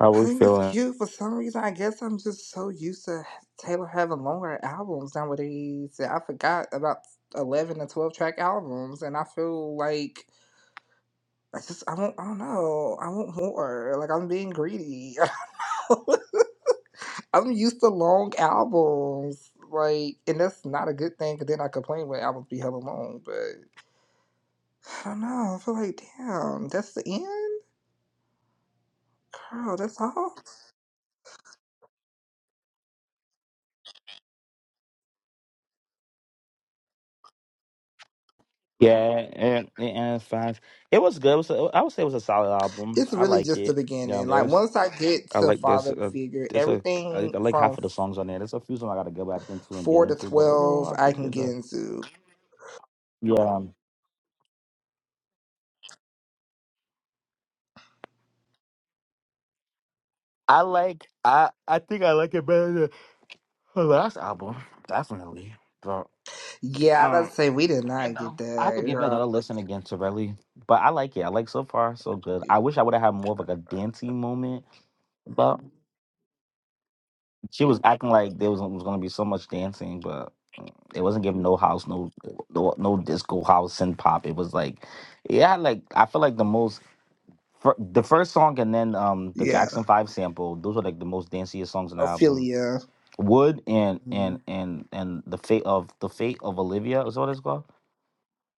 B: How
A: I
B: we
A: think it's
B: feeling?
A: cute for some reason. I guess I'm just so used to Taylor having longer albums nowadays. that I forgot about eleven and twelve track albums, and I feel like I just I don't I don't know. I want more. Like I'm being greedy. I'm used to long albums. Like and that's not a good thing because then I complain when albums be hella long, but I don't know. I feel like damn, that's the end? Girl, that's all.
B: Yeah, and, and it's fine. It was good. It was a, I would say it was a solid album.
A: It's
B: I
A: really
B: like
A: just the
B: it. You know,
A: beginning. Like
B: there's
A: once I get
B: I
A: to
B: like there's
A: father
B: a
A: figure,
B: there's a I like
A: everything
B: like
A: from
B: half of the
A: f-
B: songs on there. There's a few songs I gotta go back into and get
A: four to
B: into, but overall
A: twelve
B: I
A: I
B: think
A: can
B: it's
A: get
B: a
A: into.
B: yeah. I like I I think I like it better than her last album, definitely. But
A: Yeah, I gotta
B: um,
A: say we did
B: you
A: not get
B: know, I have to
A: that,
B: give it
A: girl.
B: another listen again to really. But I like it. I like so far so good. I wish I would have had more of like a dancey moment, but. She was acting like there was, was gonna be so much dancing, but mm, it wasn't giving no house, no no, no disco house and pop. It was like, yeah, like I feel like the most fir- the first song and then um the
A: Yeah.
B: Jackson Five sample. Those were like the most danciest songs in the album.
A: Ophelia.
B: Wood and and and and the fate of the fate of Olivia is what it's called.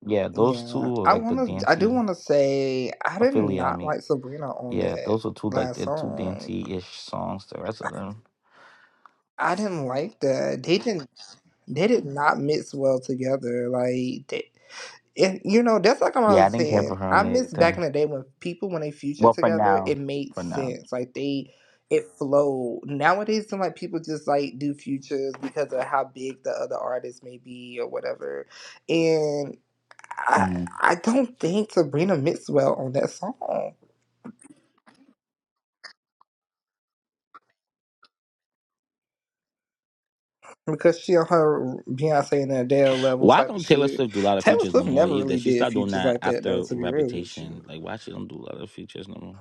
B: Yeah, those two
A: Yeah,
B: was
A: I
B: like the
A: wanna. I do
B: dainty
A: wanna say I did
B: affiliate on
A: not
B: me.
A: like Sabrina on
B: Yeah,
A: that
B: those were two like
A: last
B: the two
A: song.
B: dainty ish songs. The rest of them,
A: I didn't like that. They didn't. They did not mix well together. Like they, and you know, that's like I
B: yeah, I
A: was
B: didn't care for
A: saying.
B: her
A: I
B: on
A: miss back
B: anything.
A: in the day when people when they featured
B: Well, for
A: together,
B: now,
A: it made
B: for now.
A: sense. Like they, it flowed. Nowadays, some like people just like do futures because of how big the other artist may be or whatever. and. I
B: Mm.
A: I don't think Sabrina mixed well on that song because she on her Beyonce and Adele level
B: Why
A: type of
B: don't Taylor
A: shit.
B: Swift do a lot of
A: Taylor
B: features no
A: Swift
B: more
A: never
B: either?
A: really
B: She
A: did
B: stopped doing
A: features
B: that
A: like that though.
B: after
A: To be real with
B: Reputation.
A: you,
B: Like, why she don't do a lot of features no more?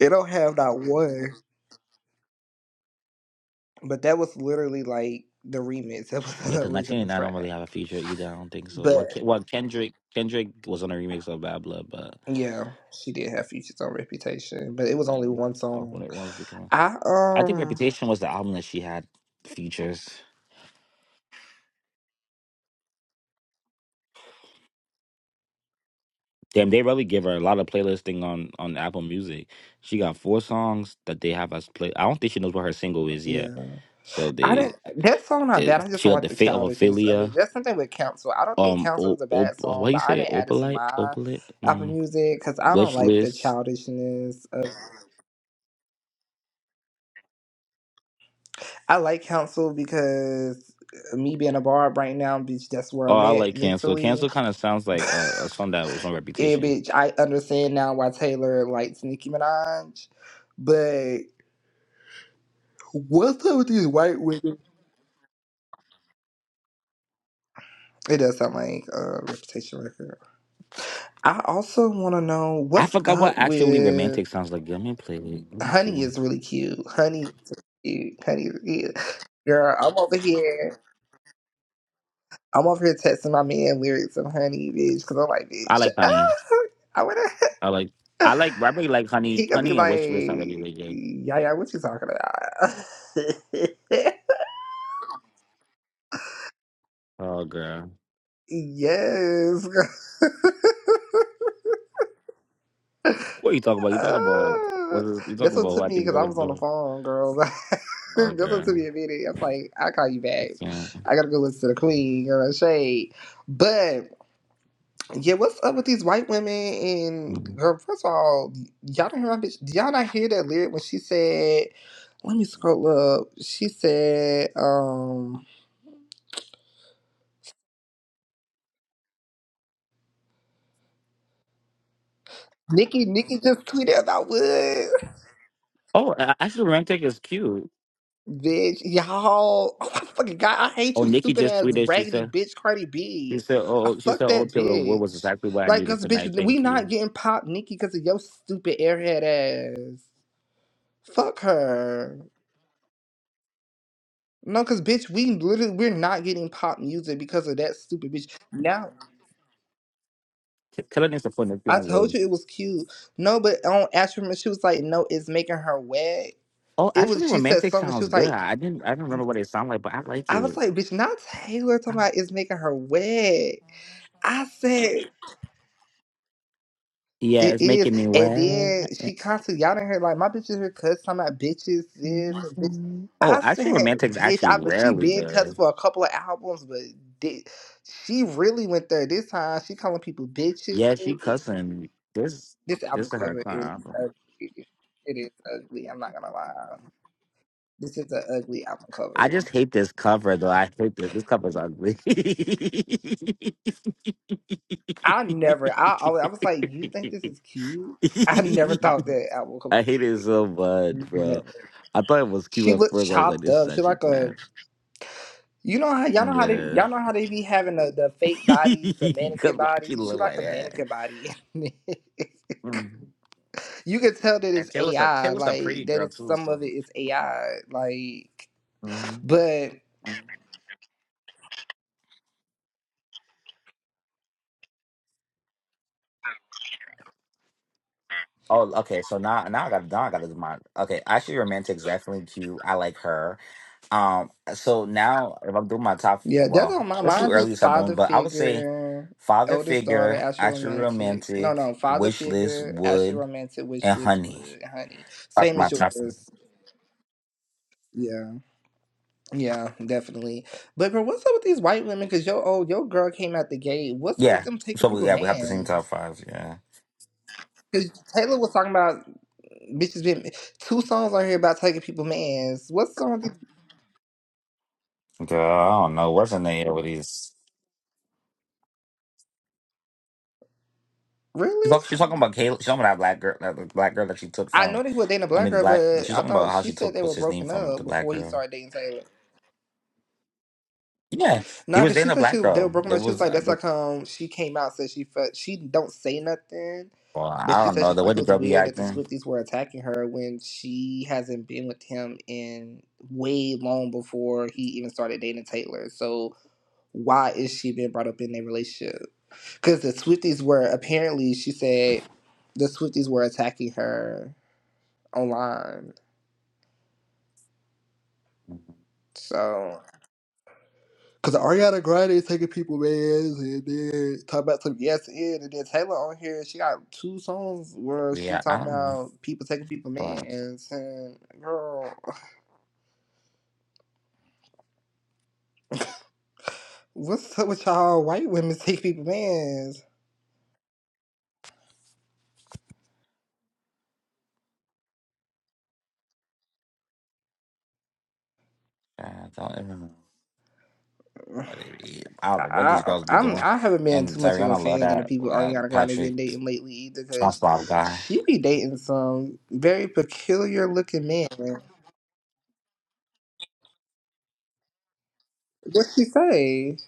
A: it don't have that one, but that was literally like the remix. That was
B: Yeah,
A: the
B: because
A: original
B: 1989 don't really
A: track.
B: have a feature either. I don't think so.
A: But
B: Well, Ke- well Kendrick Kendrick was on a remix of Bad Blood, but
A: yeah, she did have features on Reputation, but it was only
B: mm,
A: one
B: off when
A: song.
B: it was becoming.
A: I
B: I think
A: um
B: Reputation was the album that she had features. Damn, they really give her a lot of playlisting on on Apple Music. She got four songs that they have us play. I don't think she knows what her single is yet,
A: yeah.
B: so
A: I
B: they.
A: didn't. That song not bad.
B: It,
A: I just
B: she
A: don't
B: got
A: like
B: the
A: the
B: fate of
A: childishness of
B: Ophelia.
A: it. That's something with council. I don't think
B: Um,
A: council
B: o,
A: is a
B: op,
A: bad
B: what
A: song,
B: do you
A: but I
B: say?
A: didn't add it to
B: Opalite,
A: my
B: opalite,
A: Apple
B: mm,
A: Music because I don't
B: wish
A: like the
B: list.
A: childishness. Of, I like council because uh, me being a barb right now, bitch, that's where
B: Oh,
A: I'm
B: I
A: at
B: like cancel.
A: mentally.
B: Cancel kind of sounds like uh, a song that was on
A: And
B: Reputation.
A: bitch, I understand now why Taylor likes Nicki Minaj, but what's up with these white women? It does sound like a Reputation record. I also want to know
B: I
A: what's
B: forgot what
A: up
B: actually
A: with.
B: romantic sounds like. Let me play it. Let me
A: Honey
B: see.
A: is really cute. Honey is really cute. Honey is cute. Girl, I'm over here. I'm over here texting my man lyrics of Honey, bitch, because I'm like,
B: I
A: bitch,
B: like
A: ah,
B: honey.
A: I wanna.
B: I like. I like. I really like honey.
A: He gonna be
B: Honey and wish list. I really really
A: like,
B: good.
A: yeah, yeah, what you talking about?
B: Oh girl,
A: yes.
B: what are you talking about? You talking about
A: Ah,
B: what is you
A: that's
B: talking
A: what
B: about?
A: took
B: What I
A: me
B: think you
A: because I
B: talking
A: was on the
B: about?
A: phone, girl. that's
B: Oh
A: what took
B: girl,
A: me a minute. I was like, I'll call you
B: I
A: back.
B: can't.
A: I gotta go listen to the queen, girl, shade. But Yeah, what's up with these white women? And
B: Mm.
A: girl, first of all, y'all don't hear my bitch. Did y'all not hear that lyric when she said, "Let me scroll up." She said, "Um, Nikki, Nikki just tweeted about Woods,
B: Oh, a- actually, romantic is cute.
A: bitch. Y'all, oh my fucking god, I hate
B: Oh,
A: you,
B: Nikki
A: stupid
B: just
A: ass
B: tweeted. She
A: raggedy
B: said
A: bitch, Cardi
B: She
A: B.
B: said,
A: I
B: "Oh, she
A: fuck
B: said, oh,
A: that
B: Taylor Wood was
A: bitch.
B: exactly what I
A: Like,
B: needed
A: cause
B: tonight.
A: bitch, we
B: Thank you."
A: not getting popped, Nikki, cause of your stupid airhead ass. Fuck her. No, cause bitch, we literally we're not getting pop music because of that stupid bitch. Now
B: Taylor needs to put Nikki
A: I
B: on
A: told
B: Wood.
A: you it was cute. No, but on Ashram, she was like, "No, it's making her wet."
B: Oh,
A: It
B: actually,
A: was. She said
B: romantic
A: something. She
B: sounds
A: was
B: good.
A: like,
B: I didn't, I don't remember what it sound like, but I like
A: "I was
B: it.
A: like, bitch, not Taylor
B: I
A: talking
B: like-
A: about it's making her wet." I said.
B: yeah,
A: It
B: it's
A: is.
B: making me
A: And then
B: wet.
A: she constantly y'all in like my bitches here cuss talking about bitches this and bitch.
B: Oh,
A: I
B: actually,
A: said
B: romantic's
A: bitch,
B: actually
A: I, but she
B: rarely
A: been
B: good.
A: cussed for a couple of albums, but di she really went there this time. She calling people bitches.
B: Yeah, she cussing. This,
A: This
B: this
A: album
B: is her
A: cover is
B: time.
A: ugly. It is ugly. I'm not gonna lie. This is an ugly album
B: I
A: cover.
B: just hate this cover though. I hate this. This cover's ugly.
A: I never. I always. I was like, you think this is cute? I never thought that album cover.
B: I
A: was
B: hate it so much, bro.
A: Never.
B: I thought it was cute
A: She
B: at
A: looked
B: first. I was like,
A: chopped
B: this is
A: up. She
B: actually
A: like a
B: trash.
A: You know how y'all
B: Mm,
A: know how they
B: Yeah.
A: y'all know how they be having the, the fake bodies, the
B: Because
A: mannequin
B: why she
A: bodies. She
B: look
A: like
B: like
A: a
B: that?
A: mannequin body.
B: Mm.
A: you can tell that it's
B: And Taylor's a
A: AI,
B: Taylor's a pretty
A: like that
B: girl
A: is
B: too,
A: some of
B: so
A: it is AI, like.
B: Mhm,
A: But
B: mhm. Oh, okay. So now, now I got now I got to do my okay. Actually, romantic's definitely cute. I like her. Um, so now if I'm doing my top,
A: yeah, that's
B: well,
A: on my
B: it's too
A: mind.
B: early to
A: Is
B: start doing,
A: father
B: but I would say
A: figure,
B: father
A: eldest daughter,
B: figure,
A: Ashley
B: actually
A: romantic. No, no,
B: romantic,
A: father
B: wish list,
A: figure, Ashley
B: wood,
A: romantic, wish
B: and
A: list
B: honey.
A: would honey.
B: That's
A: Same
B: my
A: as
B: top.
A: yours. Yeah. Yeah, definitely. But bro, what's up with these white women? Cause yo, oh, your girl came out the gate. What's up with
B: Yeah.
A: them taking
B: So we
A: people
B: yeah, we have the same top
A: mans?
B: five. Yeah.
A: Cause Taylor was talking about mm, bitches been two songs on here about taking people mans. What's going on
B: Girl, I don't know what's in the air with these. She's
A: really?
B: talking. She's talking about Kayla. She's talking about that black girl. That black girl that she took
A: I
B: from.
A: know they were dating a
B: I
A: black
B: mean, the
A: girl,
B: black. that
A: but
B: She's
A: I
B: talking about
A: thought
B: how
A: she
B: she
A: said
B: took
A: they were
B: what's his name
A: broken
B: from
A: up
B: the black
A: before he
B: girl.
A: started dating Taylor.
B: Yeah, he
A: Nah,
B: was
A: cause
B: in
A: she
B: a
A: said she
B: black
A: they were
B: girl.
A: broken
B: There
A: up. She was
B: was.
A: like,
B: Uh,
A: "That's how
B: the-
A: come she came out." Said she felt she don't say nothing,
B: well,
A: but
B: I
A: she
B: don't
A: said
B: know
A: she felt
B: the way
A: like it
B: the
A: was
B: girl be
A: weird that the
B: acting.
A: Swifties were attacking her when she hasn't been with him in way long before he even started dating Taylor. So why is she being brought up in their relationship? Cause the Swifties were apparently she said the Swifties were attacking her online.
B: Mm-hmm.
A: So. Cause Ariana Grande is taking people ass and then talking about some yes and and then Taylor on here she got two songs where she
B: Yeah, I
A: talking
B: don't. know.
A: about people taking people
B: Fuck,
A: mans and girl what's up with y'all white women take people mans
B: I don't even know.
A: I,
B: What it be. I don't know what these
A: I
B: girls be
A: I'm
B: doing.
A: I haven't been
B: And
A: too much of a
B: Zariana love
A: fan of the
B: that
A: people
B: uh,
A: Ariana Grande
B: Patrick
A: been dating lately either because
B: SpongeBob guy.
A: she be dating some very peculiar looking man what she say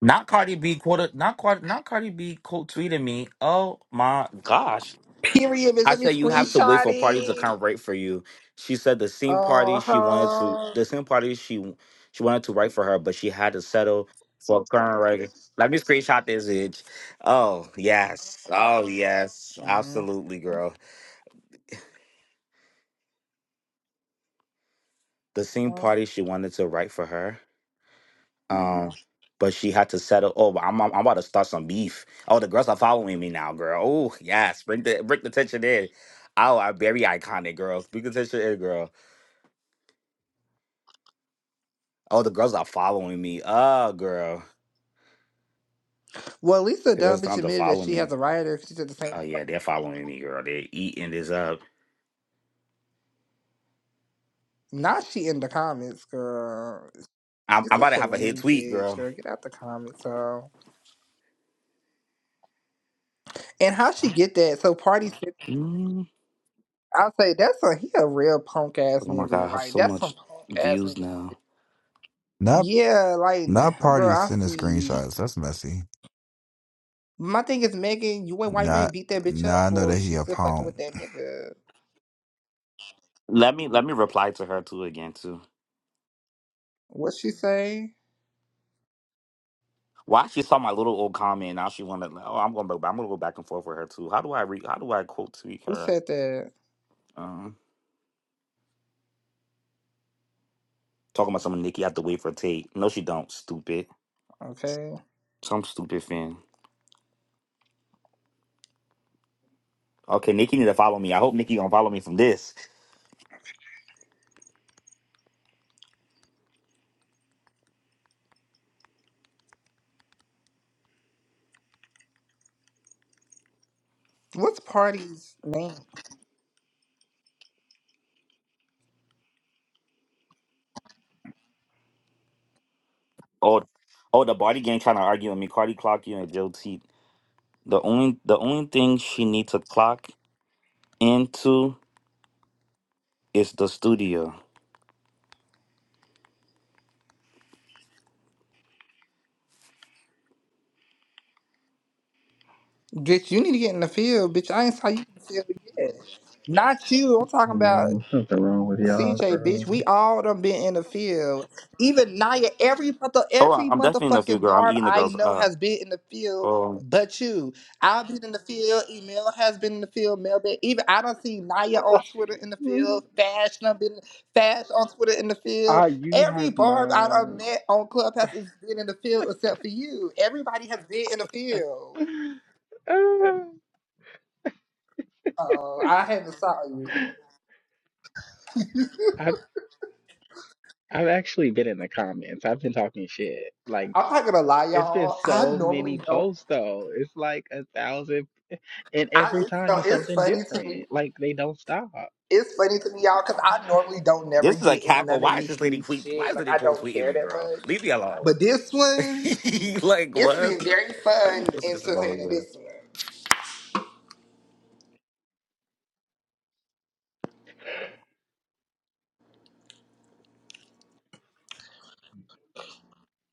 B: Not Cardi B quoted not Cardi not Cardi B quote tweeted me. Oh my gosh.
A: period bitch
B: I
A: let me
B: said you have to wait
A: screenshot
B: for parties to
A: it.
B: come right for you. She said the same party she wanted to
A: Uh-huh.
B: the same party she she wanted to write for her, but she had to settle for current writer. Let me screenshot this itch. Oh yes. Oh yes.
A: Mhm.
B: Absolutely, girl. The same party she wanted to write for her. Um, but she had to settle. Oh, but I'm, I'm I'm about to start some beef. Oh, the girls are following me now, girl. Oh, yes, bring the bring the tension in. Oh, I'm very iconic, girl. Bring the tension in, girl. Oh, the girls are following me. Oh, girl,
A: Well, at least the
B: the girls
A: dumb
B: are
A: bitch
B: time to
A: admitted that
B: follow
A: she has
B: me.
A: a writer. 'cause She said the same.
B: Oh yeah, they're following me, girl. They're eating this up.
A: Not she in the comments, girl.
B: I'm,
A: She's
B: I'm about
A: such
B: to
A: a
B: have a hit
A: lame
B: tweet,
A: bitch,
B: girl.
A: girl. Get out the comments, girl. And how she get that? So party said,
B: Mm.
A: I'll say that's a he a real punk ass
B: Oh my god, I
A: nigga.
B: have
A: Like
B: so
A: that's some
B: much
A: punk ass
B: views
A: nigga.
B: now.
C: Not
A: Yeah, like
C: not party
A: girl, I
C: sending
A: see.
C: screenshots. That's messy.
A: My thing is Megan, you ain't why you ain't
C: Not
A: beat that bitch up
C: now I know
A: for
C: that
A: she
C: he a
A: still fucking
C: pawn.
A: with that nigga.
B: Let me let me reply to her too again too.
A: What she say?
B: Why she saw my little old comment? Now she wanted. Like, Oh, I'm gonna. I'm gonna go back and forth with her too. How do I read? How do I quote tweet
A: Who
B: her?
A: said that?
B: Um, talking about something Nikki have to wait for a tape. No, she don't. Stupid.
A: Okay.
B: Some stupid fan. Okay, Nikki need to follow me. I hope Nikki gonna follow me from this.
A: What's party's name?
B: Oh, oh, the body gang trying to argue with me. Cardi clock you and Joe T. The only the only thing she need to clock into is the studio.
A: Bitch, you need to get in the field, bitch. I ain't saw you in the field yet. Not you. I'm talking about
D: Mm, something wrong with y'all,
A: CJ, bitch.
D: girl.
A: We all done been in the field. Even Naya, every mother,
B: Oh, I-
A: every
B: I'm definitely in the studio,
A: motherfucking
B: girl. I'm
A: Barb
B: eating the
A: I
B: girls
A: know
B: up.
A: has been in the field,
B: Oh,
A: but you. I've been in the field. Email has been in the field. Mel been. Even I don't see Naya on Twitter in the field. Fashion done been Fash on Twitter in the
D: Ah,
A: field.
D: you
A: Every
D: have
A: Barb I done
D: not.
A: met on Clubhouse has been in the field except for you. Everybody has been in the field. Oh, I haven't saw you.
D: I've I've actually been in the comments. I've been talking shit. Like
A: I'm not gonna lie,
D: it's been
A: y'all. I
D: so
A: normally
D: many
A: don't.
D: posts though. It's like a thousand, and
A: I
D: every
A: it's,
D: time
A: no,
D: it's
A: it's
D: something
A: funny to me.
D: different. Like they don't stop.
A: It's funny to me, y'all, because I normally don't never
B: this is a
A: get in
B: cackle.
A: none of
B: Why is this lady
A: Nikki's
B: tweet? Why
A: shit.
B: is
A: Like
B: lady
A: I
B: quote
A: don't
B: tweeting
A: care
B: me,
A: that
B: girl?
A: much.
B: Leave me alone.
A: But this one,
B: like
A: it's been
B: what?
A: very
B: I
A: fun
B: just posted this about her.
A: entertaining
B: bro.
A: this one.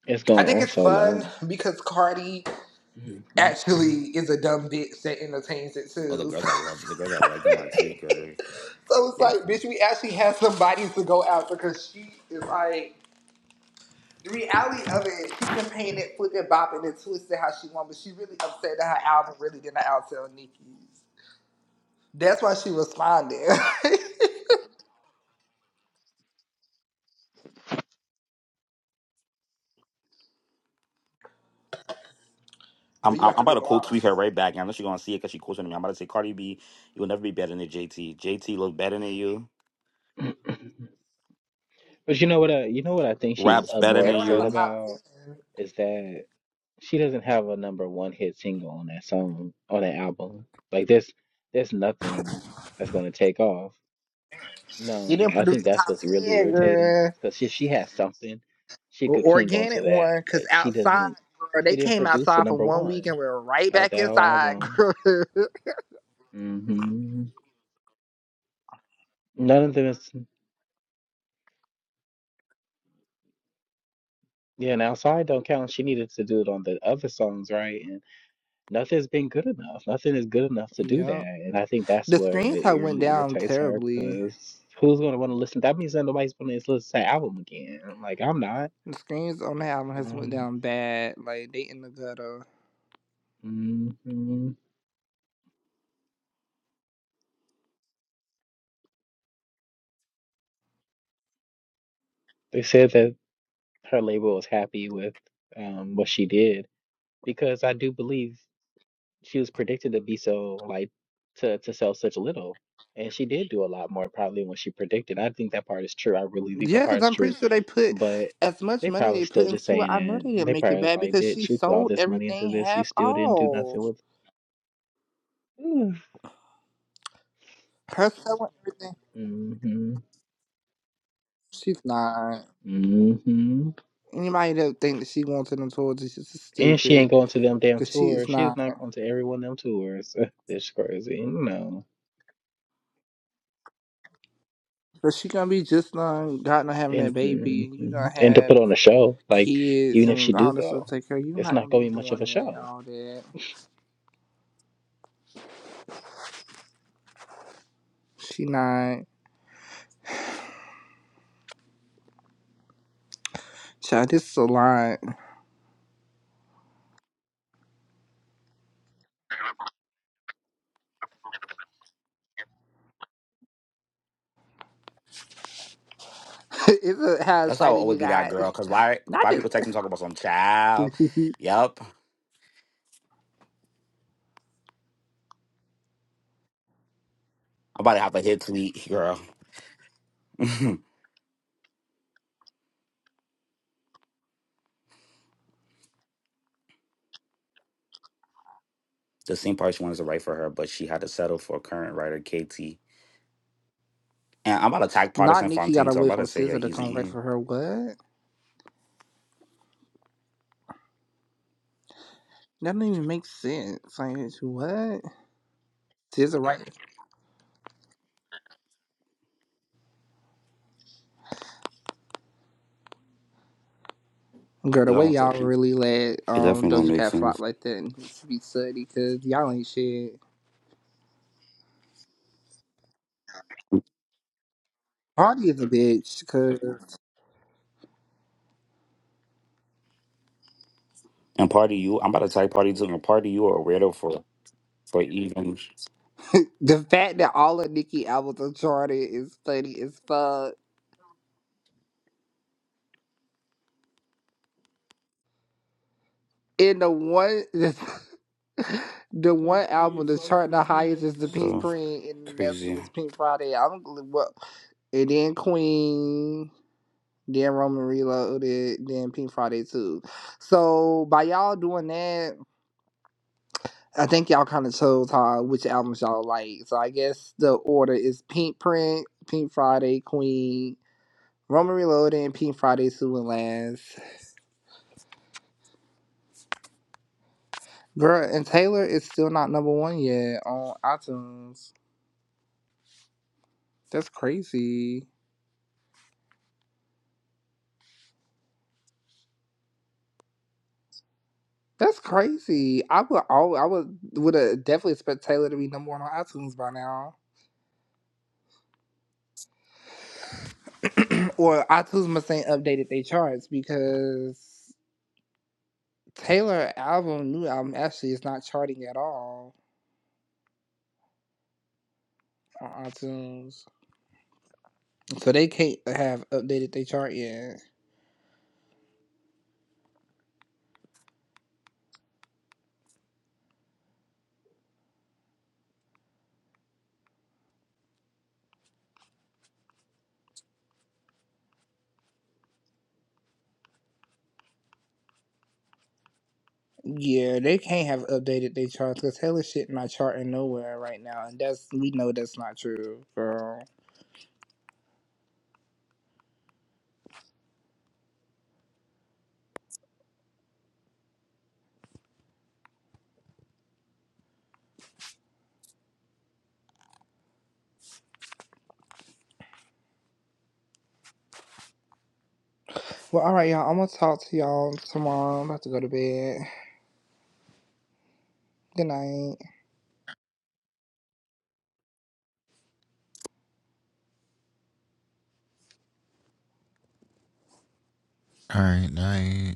D: It's
A: I
D: going
A: think
D: on
A: it's
D: so
A: fun
D: long.
A: because Cardi actually is a dumb bitch that entertains it
B: Oh, the
A: too.
B: girls I love, the girls I like in my tweet, girl. they-
A: So it's
B: they-
A: like, bitch, we actually have somebody to go after because she is like The reality of it, she been paint it, flip it, bop it, and twist how she want, but she really upset that her album really didn't outsell Nicki's. That's why she responded. girl,
B: I'm,
A: you
B: I'm
A: about
B: I'm
A: to
B: about
A: get
B: to quote
A: blocked.
B: tweet her right back. and I know she's gonna see it because she quoted me. I'm about to say, Cardi B, you will never be better than JT. JT looks better than you.
D: But you know what? I, you know what I think she's
B: Raps
D: uh,
B: better
D: more
A: They
B: than
A: don't have
D: upset
A: a
B: you.
A: top
D: about
A: ten.
D: is that. she doesn't have a number one hit single on that song on that album. Like there's there's nothing that's gonna take off.
A: She
D: No,
A: didn't
D: I
A: produce
D: think
A: a
D: that's
A: top
D: what's really
A: ten,
D: irritating
A: girl.
D: because she she has something she
A: Or
D: could cling on to
A: organic
D: that,
A: one, cause
D: but she
A: outside,
D: doesn't.
A: girl, they
D: She didn't
A: came
D: produce the
A: outside for
D: number
A: one week
D: one
A: and we're right
D: out
A: back
D: that whole
A: inside,
D: album.
A: girl.
D: hmm None of them is yeah. And outside don't count. She needed to do it on the other songs, right? And Nothing's been good enough. Nothing is good enough to do
A: yep.
D: that. And I think that's
A: The
D: where
A: screens
D: it
A: have went
D: really
A: down
D: irritates her
A: terribly.
D: because who's going to want to listen? That means that nobody's going to listen to that album again. I'm Like, I'm not.
A: The screens on the album has went
D: Um,
A: down bad. Like they in the gutter.
D: mhm. They said that her label was happy with um, what she did because I do believe she was predicted to be so, like, to, to sell such little. And she did do a lot more probably than what she predicted. I think that part is true. I really think
A: Yeah,
D: that part
A: because
D: is
A: I'm
D: true
A: pretty sure they put
D: But
A: as much
D: they
A: money
D: probably
A: they put
D: still just
A: into it.
D: saying
A: I know
D: it.
A: they didn't
D: They
A: make it
D: probably was
A: bad
D: like,
A: because she
D: bitch, you put all
A: sold
D: this money into
A: everything
D: this, you
A: half
D: still didn't do
A: off.
D: nothing with it.
A: Her selling everything,
D: Mm-hmm.
A: she's not.
D: Mm-hmm.
A: Anybody that think that she going to them tours is just
D: And she
A: stupid
D: ain't going to them damn
A: because she is
D: tours. She's
A: not.
D: not going to every one of them tours. Bitch crazy. No.
A: But she gonna be just done, God not having that
D: and
A: baby, and you gonna
D: and to
A: have
D: put on a show like
A: kids
D: even if she
A: and
D: do
A: all this stuff
D: go
A: to take care. of. you
D: it's
A: not
D: not
A: gonna be
D: going to be much of
A: doing
D: a
A: that
D: show
A: all that. She not. Child, this is a lot. it's a, how
B: That's how I
A: excited
B: always
A: you
B: be that
A: got.
B: girl. Cause why
A: Not
B: why people text me talking about some child?
A: this.
B: Yep. I'm about to have a hit tweet, girl. the same part she wanted to write for her, but she had to settle for current writer KT. And I'm about to tag
A: Not
B: Partisan
A: Nikki
B: Fontaine,
A: gotta
B: so I'm
A: wait
B: about
A: for
B: to say, yeah,
A: Scissor to
B: he's
A: come right
B: a.
A: for her. What? That don't even make sense. Like what? Scissor right? Girl, the way y'all really let
B: It
A: um
B: definitely don't
A: Doja
B: make
A: Cat flop
B: sense.
A: like that needs to be studied because y'all ain't shit. Cardi is a bitch because
B: And party you, I'm about to type party two and party you are a weirdo for for even
A: the fact that all of Nicki albums are charted is funny as fuck. And the one, the one album that's charting the highest is the Pink
B: so
A: Print, and that's when
B: crazy.
A: it's Pink Friday. I'm well, And then Queen. then Roman Reloaded, then Pink Friday too. So by y'all doing that, I think y'all kind of chose how which albums y'all like. So I guess the order is Pink Print, Pink Friday, Queen, Roman Reloaded, and Pink Friday two and last. Girl, and Taylor is still not number one yet on iTunes. That's crazy. That's crazy. I would all I would would have definitely expect Taylor to be number one on iTunes by now or iTunes must ain't updated their charts because Taylor album, new album, actually is not charting at all on iTunes, so they can't have updated their chart yet. Yeah, they can't have updated their charts because Taylor shit not charting nowhere right now, and that's we know that's not true, girl. Well, all right, y'all. I'm gonna talk to y'all tomorrow. I'm about to go to bed. Good night.
C: All right, I